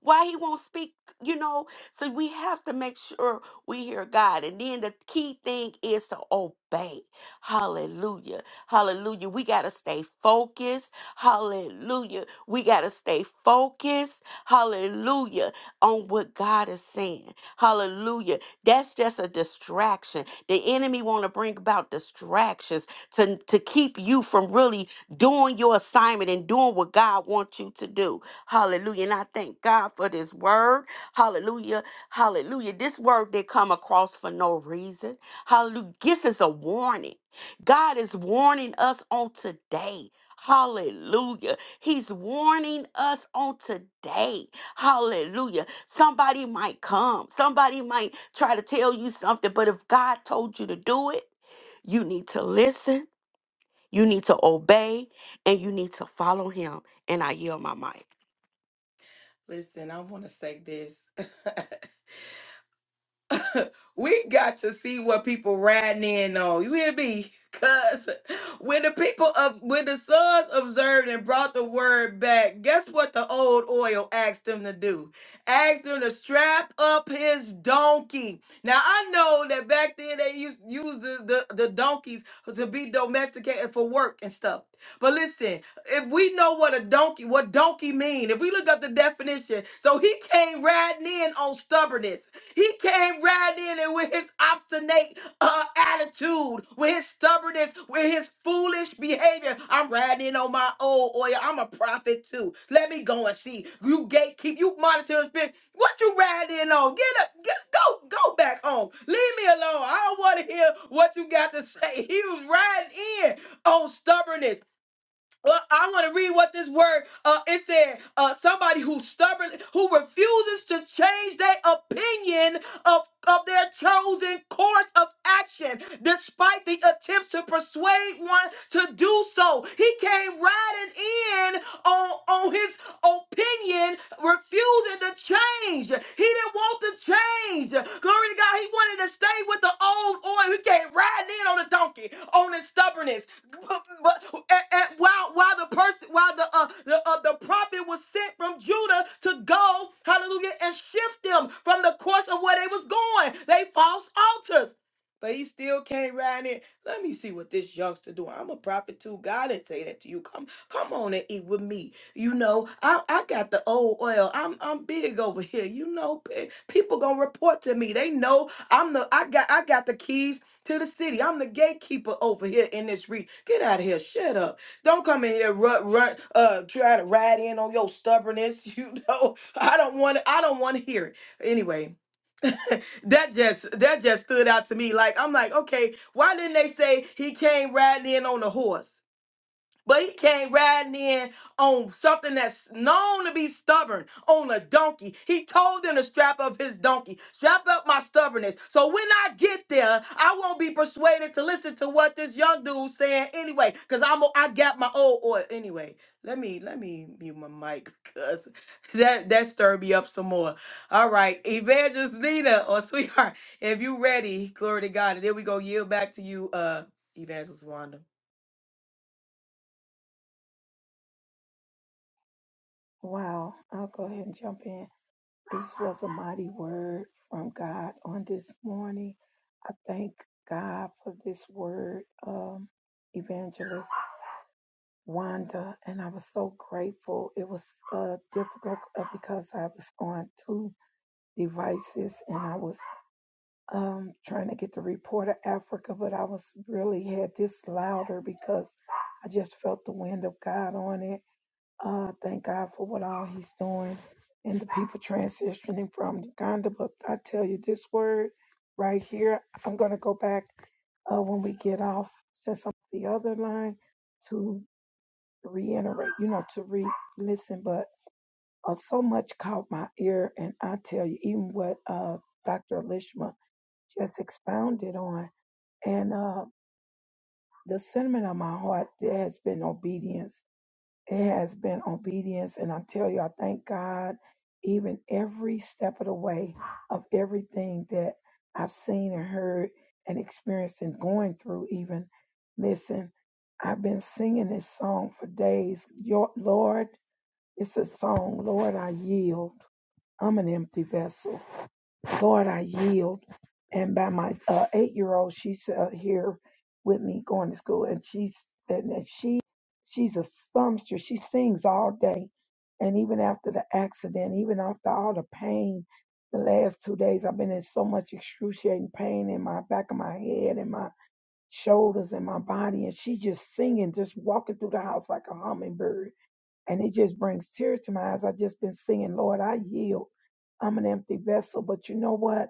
Speaker 4: why he won't speak, you know? So we have to make sure we hear God. And then the key thing is to obey. Hallelujah. Hallelujah. We got to stay focused. Hallelujah. We got to stay focused. Hallelujah. On what God is saying. Hallelujah. That's just a distraction. The enemy want to bring about distractions to, to keep you from really doing your assignment and doing what God wants you to do. Hallelujah. And I thank God for this word. Hallelujah. Hallelujah. This word did come across for no reason. Hallelujah. This is a warning. God is warning us on today. Hallelujah. He's warning us on today. Hallelujah. Somebody might come. Somebody might try to tell you something, but if God told you to do it, you need to listen, you need to obey, and you need to follow him. And I yield my mic.
Speaker 1: Listen, I want to say this. we got to see what people riding in on. You hear me? Cause when the people of when the sons observed and brought the word back, guess what the old oil asked them to do? Asked them to strap up his donkey. Now I know that back then they used used the, the, the donkeys to be domesticated for work and stuff. But listen, if we know what a donkey what donkey mean if we look up the definition so he came riding in on stubbornness he came riding in and with his obstinate uh, attitude with his stubbornness with his foolish behavior i'm riding in on my old oil i'm a prophet too let me go and see you gatekeep you monitoring spirit what you riding in on get up get, go go back home leave me alone i don't want to hear what you got to say he was riding in on stubbornness well, I want to read what this word uh, it said. Uh, somebody who stubborn, who refuses to change their opinion of of their chosen course of action, despite the attempts to persuade one to do so. He came riding in on on his opinion, refusing to wanted to change. He didn't want to change. Glory to God. He wanted to stay with the old oil. He came riding in on a donkey, on his stubbornness. But, but- and- and while while the person, while the uh, the, uh, the prophet was sent from Judah to go, hallelujah, and shift them from the course of where they was going. They false altars. But he still came riding in. Let me see what this youngster doing. I'm a prophet too. God didn't say that to you. Come, come on and eat with me. You know, I, I got the old oil. I'm I'm big over here. You know, pe- people gonna report to me. They know I'm the I got I got the keys to the city. I'm the gatekeeper over here in this re. Get out of here. Shut up. Don't come in here run run uh try to ride in on your stubbornness. You know, I don't want to I don't want to hear it. Anyway, that just that just stood out to me. Like I'm like, okay, why didn't they say he came riding in on the horse? But he came riding in on something that's known to be stubborn, on a donkey. He told them to strap up his donkey, strap up my stubbornness. So when I get there, I won't be persuaded to listen to what this young dude's saying anyway, because I'm a- i am I got my old oil anyway. Let me let me mute my mic because that that stirred me up some more. All right, Evangelist Nina or sweetheart, if you ready, glory to God. And then we go yield back to you, uh, Evangelist Wanda.
Speaker 5: Wow, I'll go ahead and jump in. This was a mighty word from God on this morning. I thank God for this word, um, evangelist Wanda, and I was so grateful. It was uh, difficult uh, because I was on two devices and I was um, trying to get the report of Africa, but I was really had this louder because I just felt the wind of God on it uh, thank God for what all He's doing and the people transitioning from Uganda. But I tell you, this word right here, I'm going to go back uh, when we get off, since I'm the other line, to reiterate, you know, to re listen. But uh, so much caught my ear. And I tell you, even what uh, Dr. Lishma just expounded on, and uh, the sentiment of my heart has been obedience It has been obedience. And I tell you, I thank God even every step of the way of everything that I've seen and heard and experienced and going through, even. Listen, I've been singing this song for days. Your Lord, it's a song, Lord, I yield. I'm an empty vessel. Lord, I yield. And by my uh, eight-year-old, she's uh, here with me going to school, and she's and, and she she's a songstress. She sings all day, and even after the accident, even after all the pain, the last two days I've been in so much excruciating pain in my back of my head and my shoulders and my body, and she just singing, just walking through the house like a hummingbird and it just brings tears to my eyes. I've just been singing, Lord, I yield. I'm an empty vessel. But you know what?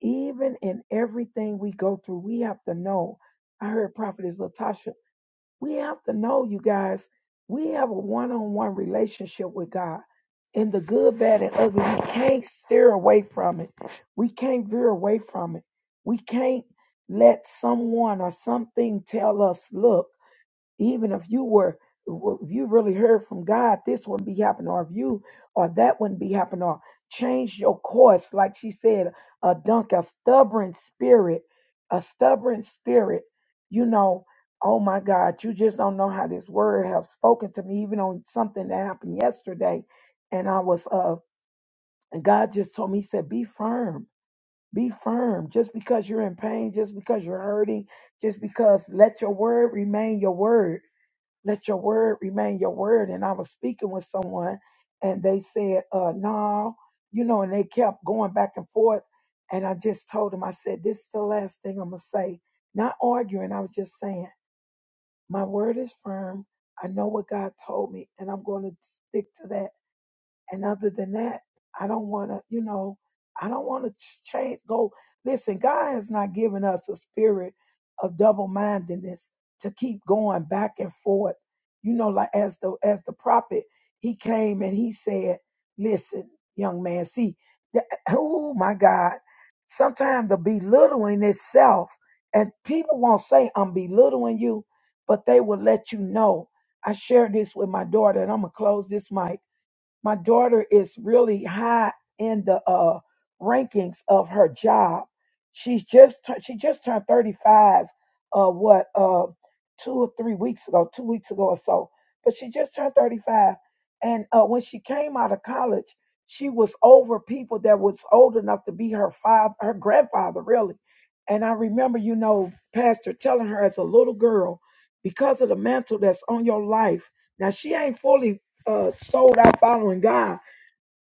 Speaker 5: Even in everything we go through, we have to know. I heard Prophetess Latasha, we have to know, you guys, we have a one on one relationship with God. In the good, bad, and ugly, we can't steer away from it. We can't veer away from it. We can't let someone or something tell us, look, even if you were if you really heard from God, this wouldn't be happening, or if you or that wouldn't be happening, or change your course, like she said, a dunk, a stubborn spirit, a stubborn spirit, you know. Oh my God, you just don't know how this word have spoken to me, even on something that happened yesterday. And I was uh and God just told me, He said, Be firm, be firm. Just because you're in pain, just because you're hurting, just because let your word remain your word let your word remain your word. And I was speaking with someone and they said, uh, no, you know, and they kept going back and forth. And I just told them, I said, this is the last thing I'm going to say. Not arguing. I was just saying, my word is firm. I know what God told me and I'm going to stick to that and other than that, I don't want to, you know, I don't want to change. Go listen. God has not given us a spirit of double mindedness to keep going back and forth. You know, like as the as the prophet, he came and he said, "Listen, young man, see, the, oh my God, sometimes the belittling itself, and people won't say I'm belittling you, but they will let you know." I shared this with my daughter, and I'm gonna close this mic my daughter is really high in the uh rankings of her job she's just tu- she just turned 35 uh what uh two or three weeks ago two weeks ago or so but she just turned 35 and uh when she came out of college she was over people that was old enough to be her father her grandfather really and i remember you know pastor telling her as a little girl because of the mantle that's on your life now she ain't fully uh, sold out following God.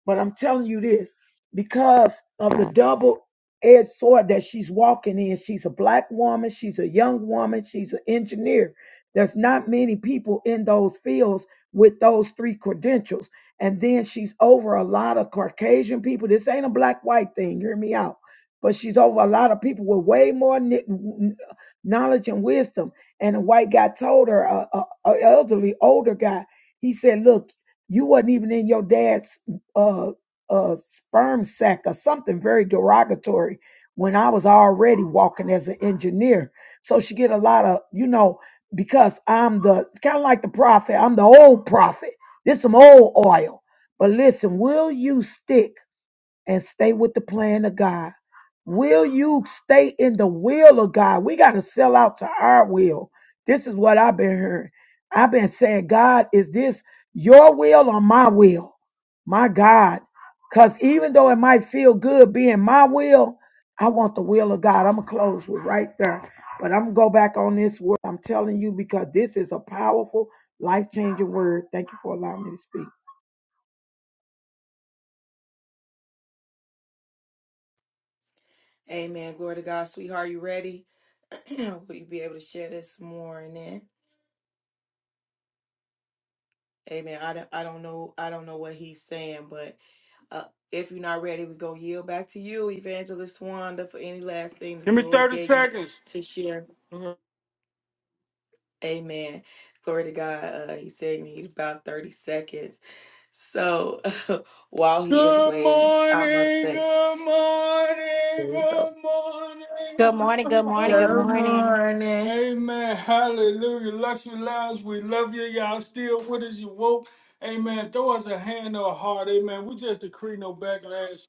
Speaker 5: But I'm telling you this because of the double edged sword that she's walking in. She's a black woman, she's a young woman, she's an engineer. There's not many people in those fields with those three credentials. And then she's over a lot of Caucasian people. This ain't a black white thing, hear me out. But she's over a lot of people with way more kn- kn- knowledge and wisdom. And a white guy told her, a, a a elderly, older guy, he said, Look, you wasn't even in your dad's uh, a sperm sack or something very derogatory when I was already walking as an engineer. So she get a lot of, you know, because I'm the kind of like the prophet. I'm the old prophet. This some old oil. But listen, will you stick? and stay with the plan of God. Will you stay in the will of God? We got to sell out to our will. This is what I've been hearing. I've been saying, God, is this your will or my will? My God. Because even though it might feel good being my will, I want the will of God. I'm going to close with right there. But I'm going to go back on this word. I'm telling you because this is a powerful, life changing word. Thank you for allowing me to
Speaker 1: Amen. Glory to God, sweetheart. You ready? Will you be able to share this morning? Amen. I don't, I don't know. I don't know what he's saying, but uh, if you're not ready, we're gonna yield back to you, Evangelist Wanda, for any last thing that
Speaker 6: Give
Speaker 1: the
Speaker 6: me
Speaker 1: Lord
Speaker 6: 30
Speaker 1: gave you
Speaker 6: seconds.
Speaker 1: to share.
Speaker 6: Okay.
Speaker 1: Amen. Glory to God. Uh, he said he need about 30 seconds. So while he is
Speaker 6: Good
Speaker 1: waiting, I must
Speaker 6: morning,
Speaker 1: say,
Speaker 6: good
Speaker 1: There
Speaker 6: morning,
Speaker 1: you go.
Speaker 6: good
Speaker 2: Good
Speaker 6: morning,
Speaker 2: morning. Good
Speaker 6: good
Speaker 2: morning. Good
Speaker 1: good
Speaker 6: morning.
Speaker 2: morning.
Speaker 1: morning.
Speaker 6: Amen. Hallelujah. Luxury Lounge, we love you. Y'all still with us. You woke. Amen. Throw us a hand or a heart. Amen. We just decree no backlash.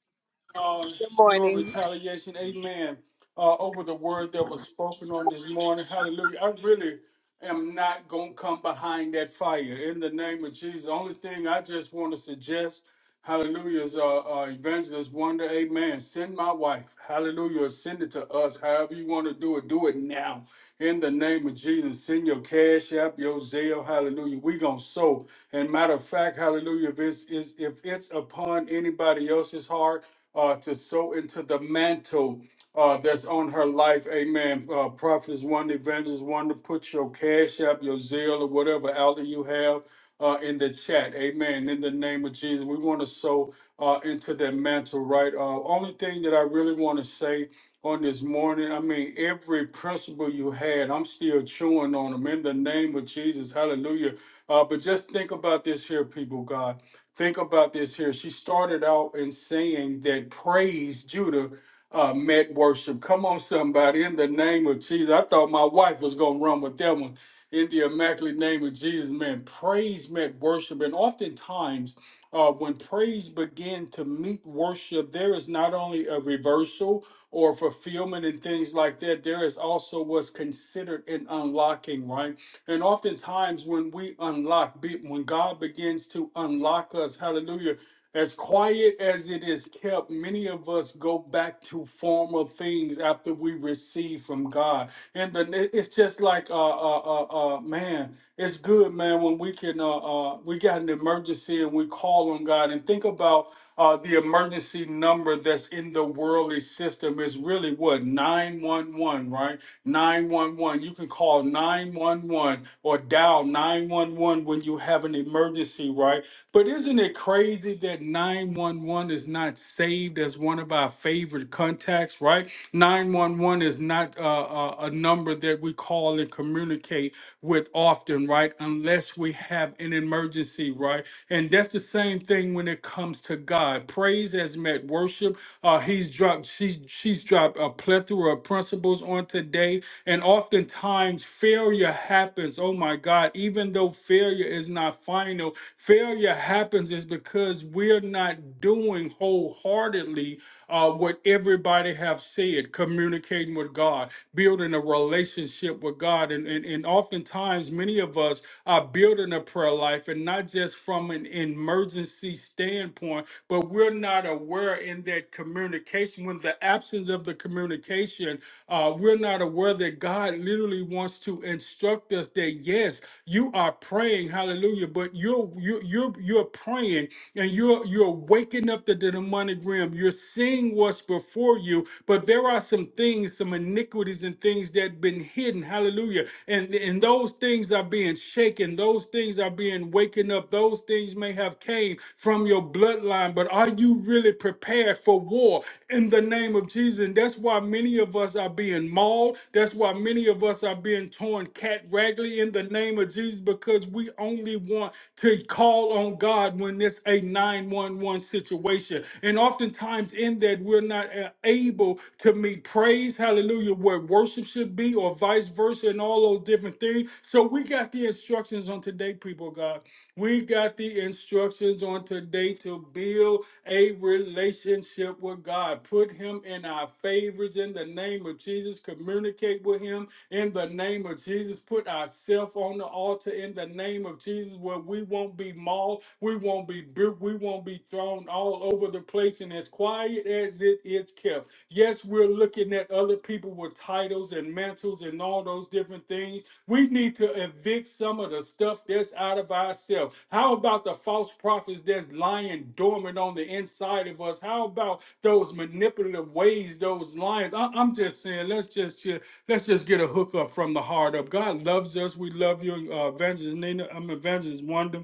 Speaker 6: uh,
Speaker 3: Good
Speaker 6: nor
Speaker 3: morning.
Speaker 6: retaliation, amen, uh, over the word that was spoken on this morning. Hallelujah. I really am not going to come behind that fire in the name of Jesus. The only thing I just want to suggest, hallelujah, is uh, uh, Evangelist Wonder, amen, send my wife, hallelujah, send it to us, however you want to do it, do it now. In the name of Jesus, send your cash app, your zeal, hallelujah. We gonna sow. And matter of fact, hallelujah, if it's, it's if it's upon anybody else's heart, uh, to sow into the mantle uh, that's on her life. Amen. Uh, Prophet is one, evangelist one, to put your cash app, your zeal, or whatever outlet you have uh, in the chat. Amen. In the name of Jesus, we want to sow uh, into that mantle, right? Uh, only thing that I really want to say on this morning, I mean, every principle you had, I'm still chewing on them in the name of Jesus. Hallelujah. Uh, but just think about this here, people, God. Think about this here. She started out in saying that praise Judah uh, met worship. Come on, somebody, in the name of Jesus. I thought my wife was going to run with that one. In the immaculate name of Jesus, man, praise met worship. And oftentimes, uh, when praise began to meet worship, there is not only a reversal or fulfillment and things like that, there is also what's considered an unlocking, right? And oftentimes, when we unlock, be- when God begins to unlock us, hallelujah, as quiet as it is kept, many of us go back to former things after we receive from God. And the, it's just like, uh, uh, uh, uh, man, it's good, man, when we can uh, uh we got an emergency and we call on God and think about uh the emergency number that's in the worldly system is really what 911, right? 911. You can call 911 or dial 911 when you have an emergency, right? But isn't it crazy that 911 is not saved as one of our favorite contacts, right? 911 is not uh, a, a number that we call and communicate with often, right? Unless we have an emergency, right? And that's the same thing when it comes to God. Praise has met worship. Uh, he's dropped, she's she's dropped a plethora of principles on today. And oftentimes failure happens. Oh my God, even though failure is not final, failure happens is because we're not doing wholeheartedly uh, uh, what everybody have said, communicating with God, building a relationship with God. And, and, and oftentimes, many of us are building a prayer life and not just from an emergency standpoint, but we're not aware in that communication, when the absence of the communication, uh, we're not aware that God literally wants to instruct us that, yes, you are praying, hallelujah, but you're, you're, you're, you're praying and you're you're waking up the, the demonic realm. You're seeing what's before you, but there are some things, some iniquities and things that have been hidden. Hallelujah. And and those things are being shaken. Those things are being waken up. Those things may have came from your bloodline, but are you really prepared for war in the name of Jesus? And that's why many of us are being mauled. That's why many of us are being torn cat raggedly in the name of Jesus because we only want to call on God. God, when it's a 911 situation. And oftentimes, in that, we're not uh, able to meet praise, hallelujah, where worship should be, or vice versa, and all those different things. So, we got the instructions on today, people, of God. We got the instructions on today to build a relationship with God. Put Him in our favors in the name of Jesus. Communicate with Him in the name of Jesus. Put ourselves on the altar in the name of Jesus where we won't be mocked, fall. We won't be bu- we won't be thrown all over the place and as quiet as it is kept. Yes, we're looking at other people with titles and mantles and all those different things. We need to evict some of the stuff that's out of ourselves. How about the false prophets that's lying dormant on the inside of us? How about those manipulative ways, those lions? I- I'm just saying, let's just ju- let's just get a hookup from the heart up. God loves us. We love you, uh, Evangelist Nina. I'm Evangelist Wonder.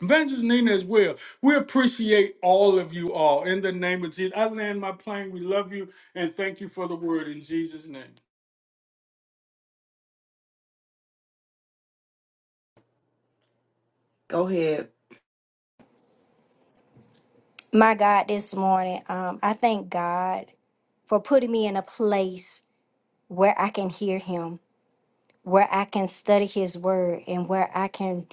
Speaker 6: Evangelist Nina as well. We appreciate all of you all in the name of Jesus. I land my plane. We love you and thank you for the word in Jesus' name.
Speaker 1: Go ahead.
Speaker 2: My God, this morning, um, I thank God for putting me in a place where I can hear Him where I can study his word and where I can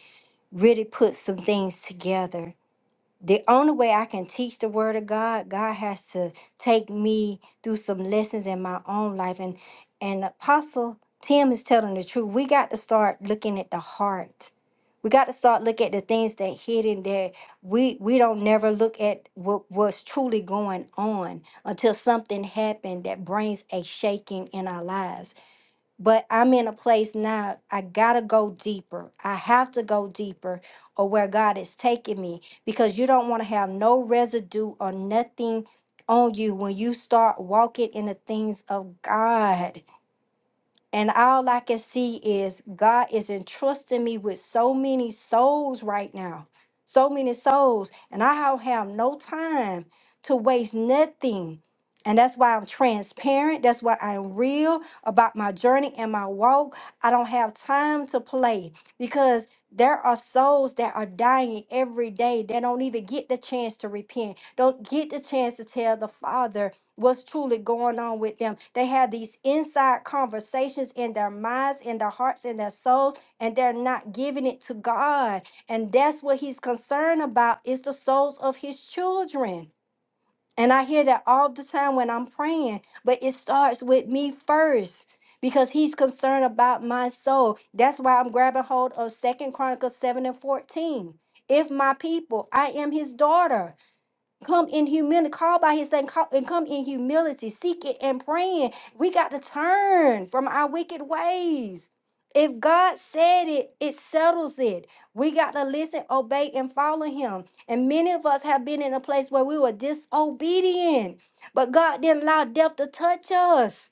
Speaker 2: really put some things together. The only way I can teach the word of God, God has to take me through some lessons in my own life. And and Apostle Tim is telling the truth. We got to start looking at the heart. We got to start look at the things that hidden that we we don't never look at what was truly going on until something happened that brings a shaking in our lives but I'm in a place now. I gotta go deeper. I have to go deeper, or where God is taking me, because you don't want to have no residue or nothing on you when you start walking in the things of God. And all I can see is God is entrusting me with so many souls right now, so many souls. And I don't have no time to waste nothing. And that's why I'm transparent. That's why I'm real about my journey and my walk. I don't have time to play because there are souls that are dying every day. They don't even get the chance to repent, don't get the chance to tell the Father what's truly going on with them. They have these inside conversations in their minds, in their hearts, in their souls, and they're not giving it to God. And that's what he's concerned about is the souls of his children. And I hear that all the time when I'm praying, but it starts with me first because he's concerned about my soul. That's why I'm grabbing hold of Second Chronicles 7 and 14. If my people, I am his daughter Come in humility, call by his name, call, and come in humility, seeking and praying. We got to turn from our wicked ways. If God said it, it settles it. We got to listen, obey, and follow him. And many of us have been in a place where we were disobedient, but God didn't allow death to touch us.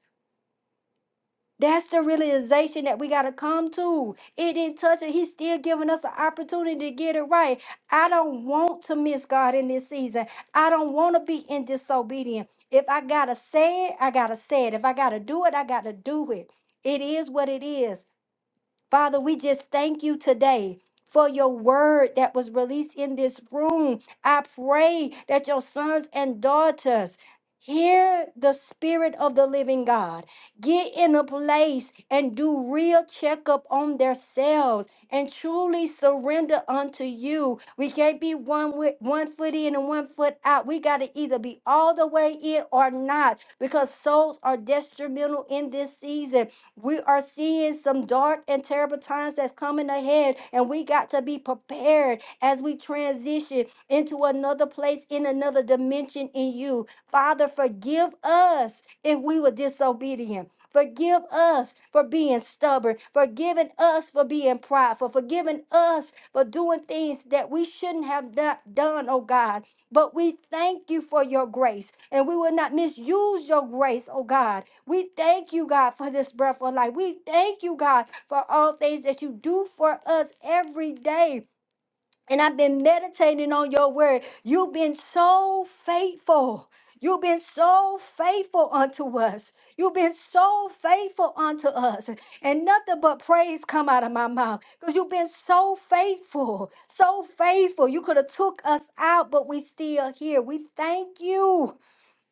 Speaker 2: That's the realization that we got to come to. It didn't touch it. He's still giving us the opportunity to get it right. I don't want to miss God in this season. I don't want to be in disobedience. If I got to say it, I got to say it. If I got to do it, I got to do it. It is what it is. Father, we just thank you today for your word that was released in this room. I pray that your sons and daughters hear the spirit of the living God. Get in a place and do real checkup on themselves and truly surrender unto you. We can't be one with one foot in and one foot out. We got to either be all the way in or not because souls are detrimental in this season. We are seeing some dark and terrible times that's coming ahead, and we got to be prepared as we transition into another place in another dimension in you. Father, forgive us if we were disobedient. Forgive us for being stubborn, forgiving us for being prideful, forgiving us for doing things that we shouldn't have not done, oh God. But we thank you for your grace, and we will not misuse your grace, oh God. We thank you, God, for this breath of life. We thank you, God, for all things that you do for us every day and I've been meditating on your word. You've been so faithful. You've been so faithful unto us. You've been so faithful unto us. And nothing but praise come out of my mouth because you've been so faithful, so faithful. You could have took us out, but we still here. We thank you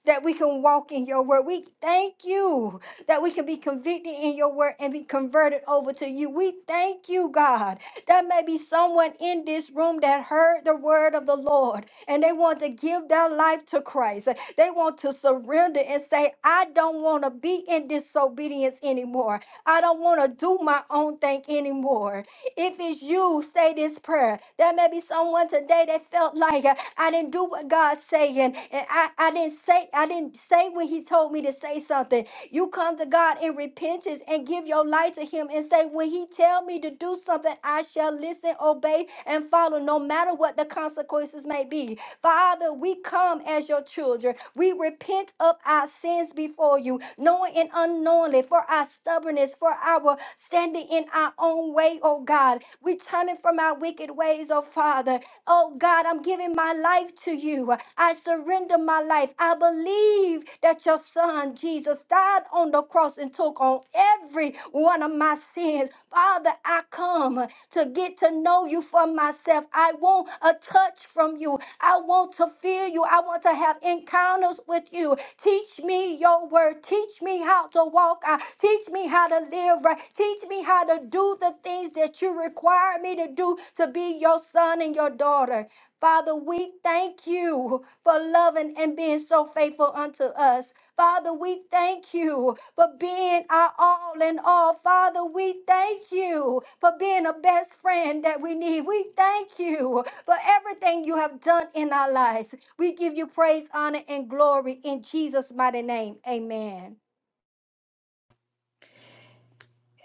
Speaker 2: that we can walk in your word. We thank you that we can be convicted in your word and be converted over to you. We thank you, God. There may be someone in this room that heard the word of the Lord and they want to give their life to Christ. They want to surrender and say, I don't want to be in disobedience anymore. I don't want to do my own thing anymore. If it's you, say this prayer. There may be someone today that felt like uh, I didn't do what God's saying, and I, I didn't say I didn't say when He told me to say something. You come to God in repentance and give your life to Him and say, when He tell me to do something, I shall listen, obey, and follow, no matter what the consequences may be. Father, we come as your children. We repent of our sins before you, knowing and unknowingly, for our stubbornness, for our standing standing in our own way, oh God. We're turning from our wicked ways, oh Father. Oh God, I'm giving my life to you. I surrender my life. I believe that your son Jesus died on the cross and took on every one of my sins. Father, I come to get to know you for myself. I want a touch from you. I want to feel you. I want to have encounters with you. Teach me your word. Teach me how to walk. Uh, Teach Teach me how to live right. Teach me how to do the things that you require me to do to be your son and your daughter. Father, we thank you for loving and being so faithful unto us. Father, we thank you for being our all in all. Father, we thank you for being a best friend that we need. We thank you for everything you have done in our lives. We give you praise, honor, and glory in Jesus' mighty name. Amen.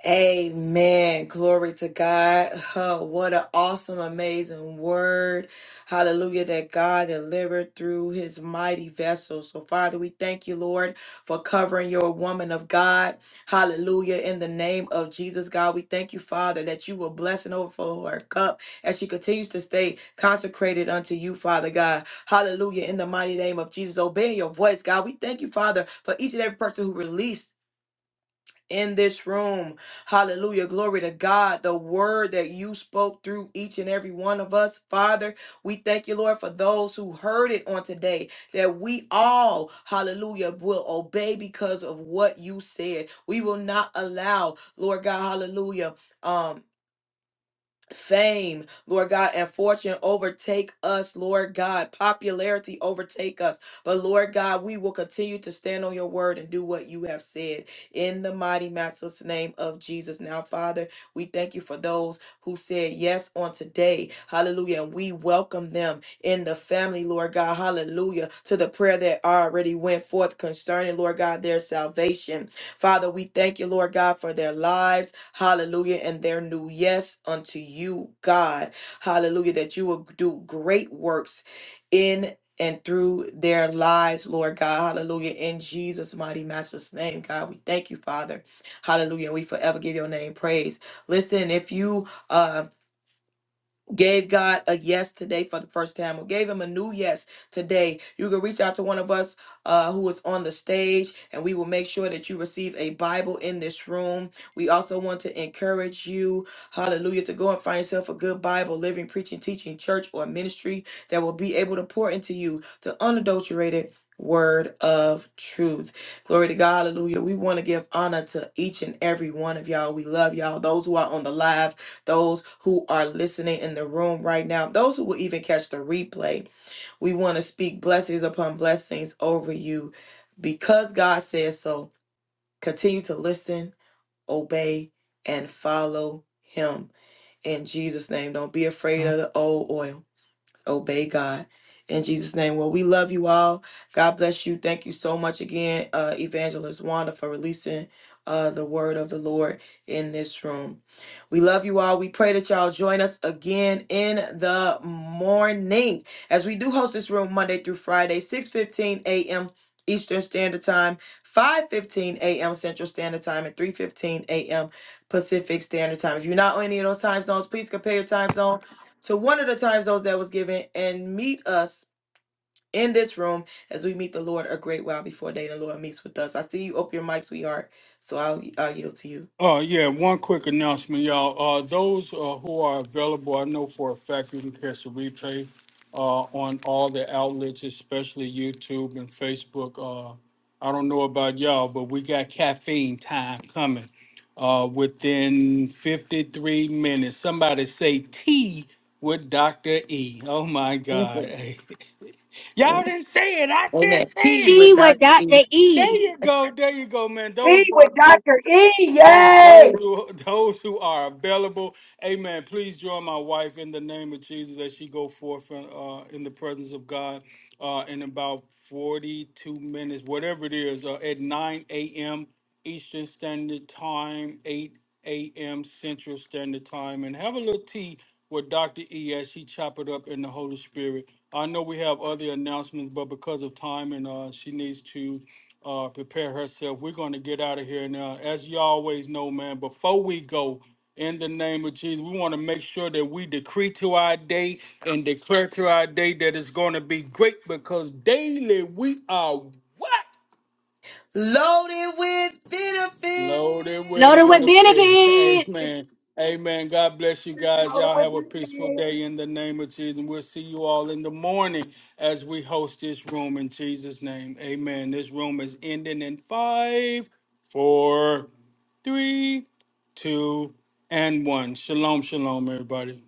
Speaker 1: Amen. Glory to God. Oh, what an awesome, amazing word. Hallelujah. That God delivered through his mighty vessel. So, Father, we thank you, Lord, for covering your woman of God. Hallelujah. In the name of Jesus, God, we thank you, Father, that you will bless and overflow her cup as she continues to stay consecrated unto you, Father God. Hallelujah. In the mighty name of Jesus, obey your voice, God. We thank you, Father, for each and every person who released in this room. Hallelujah. Glory to God. The word that you spoke through each and every one of us, Father, we thank you, Lord, for those who heard it on today, that we all, hallelujah, will obey because of what you said. We will not allow, Lord God, hallelujah. um, fame, Lord God, and fortune overtake us, Lord God. Popularity overtake us. But Lord God, we will continue to stand on your word and do what you have said in the mighty matchless name of Jesus. Now, Father, we thank you for those who said yes on today. Hallelujah. And we welcome them in the family, Lord God. Hallelujah. To the prayer that already went forth concerning, Lord God, their salvation. Father, we thank you, Lord God, for their lives. Hallelujah. And their new yes unto you, God. Hallelujah. That you will do great works in and through their lives, Lord God. Hallelujah. In Jesus' mighty master's name, God, we thank you, Father. Hallelujah. And we forever give your name praise. Listen, if you uh gave God a yes today for the first time or gave him a new yes today, you can reach out to one of us uh, who is on the stage and we will make sure that you receive a Bible in this room. We also want to encourage you, hallelujah, to go and find yourself a good Bible, living, preaching, teaching church or ministry that will be able to pour into you the unadulterated word of truth. Glory to God, hallelujah. We want to give honor to each and every one of y'all. We love y'all. Those who are on the live those who are listening in the room right now, those who will even catch the replay. We want to speak blessings upon blessings over you because God says so. Continue to listen, obey, and follow Him in Jesus' name. Don't be afraid of the old oil obey God. In Jesus' name. Well, we love you all. God bless you. Thank you so much again, uh, Evangelist Wanda, for releasing uh, the word of the Lord in this room. We love you all. We pray that y'all join us again in the morning as we do host this room Monday through Friday, six fifteen a.m. Eastern Standard Time, five fifteen a.m. Central Standard Time, and three fifteen a.m. Pacific Standard Time. If you're not on any of those time zones, please compare your time zone to one of the times those that was given and meet us in this room as we meet the Lord a great while before day the Lord meets with us. I see you open your mic, sweetheart, so I'll, I'll yield to you.
Speaker 6: Uh, yeah, one quick announcement, y'all. Uh, those uh, who are available, I know for a fact you can catch the replay uh, on all the outlets, especially YouTube and Facebook. Uh, I don't know about y'all, but we got caffeine time coming uh, within 53 minutes. Somebody say tea with Dr. E. Oh my God.
Speaker 1: Mhm.
Speaker 6: y'all didn't say it. I said
Speaker 1: Amen.
Speaker 6: say
Speaker 1: Tea
Speaker 6: it.
Speaker 2: T
Speaker 1: with
Speaker 2: with
Speaker 1: Dr.
Speaker 2: dot
Speaker 1: E.
Speaker 2: to
Speaker 6: There
Speaker 2: E.
Speaker 6: you go. There you go, man. Those were. Man, those who those who are available, Amen. Please join my wife in the name of Jesus as she go forth uh, uh, in the presence of God uh, in about forty-two minutes, whatever it is, uh, at nine a.m. Eastern Standard Time, eight a.m. Central Standard Time, and have a little tea with Dr. E as she chop it up in the Holy Spirit. I know we have other announcements, but because of time and uh, she needs to uh, prepare herself. We're going to get out of here now. As you always know, man, before we go, in the name of Jesus, we want to make sure that we decree to our day and declare to our day that it's going to be great because daily we are what?
Speaker 1: Loaded with benefits.
Speaker 6: Loaded with
Speaker 2: Loaded with
Speaker 6: benefits.
Speaker 2: benefits.
Speaker 6: Amen. Amen. God bless you guys. Y'all have a peaceful
Speaker 5: speak.
Speaker 6: day in the name of Jesus. And we'll see you all in the morning as we host this room in Jesus' name. Amen. This room is ending in five, four, three, two, and one. Shalom, shalom, everybody.